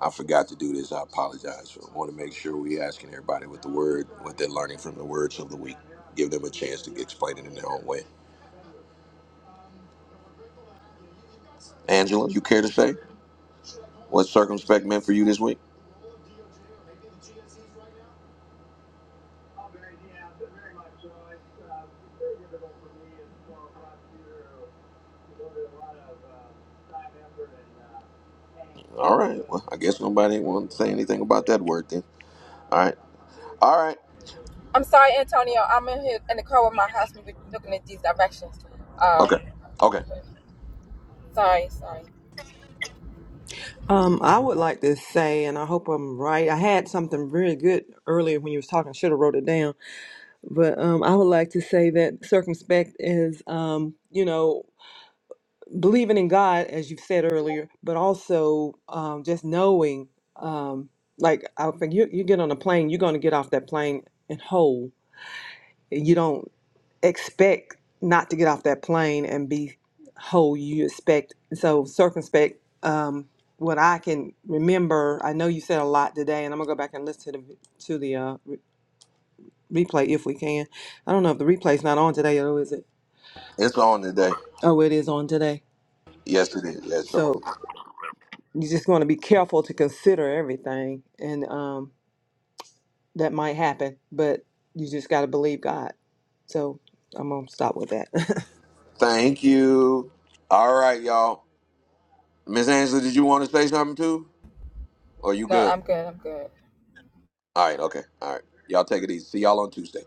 Speaker 1: I forgot to do this. I apologize. I want to make sure we asking everybody what the word, what they're learning from the words of the week. Give them a chance to explain it in their own way. Angela, you care to say what circumspect meant for you this week? All right. Well, I guess nobody want to say anything about that word then. All right. All right.
Speaker 2: I'm sorry, Antonio. I'm in here in the car with my husband. We're looking at these directions. Um,
Speaker 1: Okay. Okay.
Speaker 2: sorry, sorry.
Speaker 9: Um, I would like to say, and I hope I'm right. I had something really good earlier when you was talking. I Should have wrote it down, but um, I would like to say that circumspect is, um, you know, believing in God, as you said earlier, but also um, just knowing, um, like I think you you get on a plane, you're going to get off that plane and whole. You don't. expect not to get off that plane and be whole you expect so circumspect um what i can remember i know you said a lot today and i'm gonna go back and listen to the to the uh re- replay if we can i don't know if the replay's not on today or is it
Speaker 1: It's on today.
Speaker 9: oh it is on today
Speaker 1: Yes, it is. Yes, on.
Speaker 9: so you just want to be careful to consider everything and um that might happen but you just got to believe god so i'm gonna stop with that
Speaker 1: Thank you. All right, y'all. Miss Angela, did you want to say something too? Or you
Speaker 2: No,
Speaker 1: good?
Speaker 2: I'm good. I'm good.
Speaker 1: All right. Okay. All right. Y'all take it easy. See y'all on Tuesday.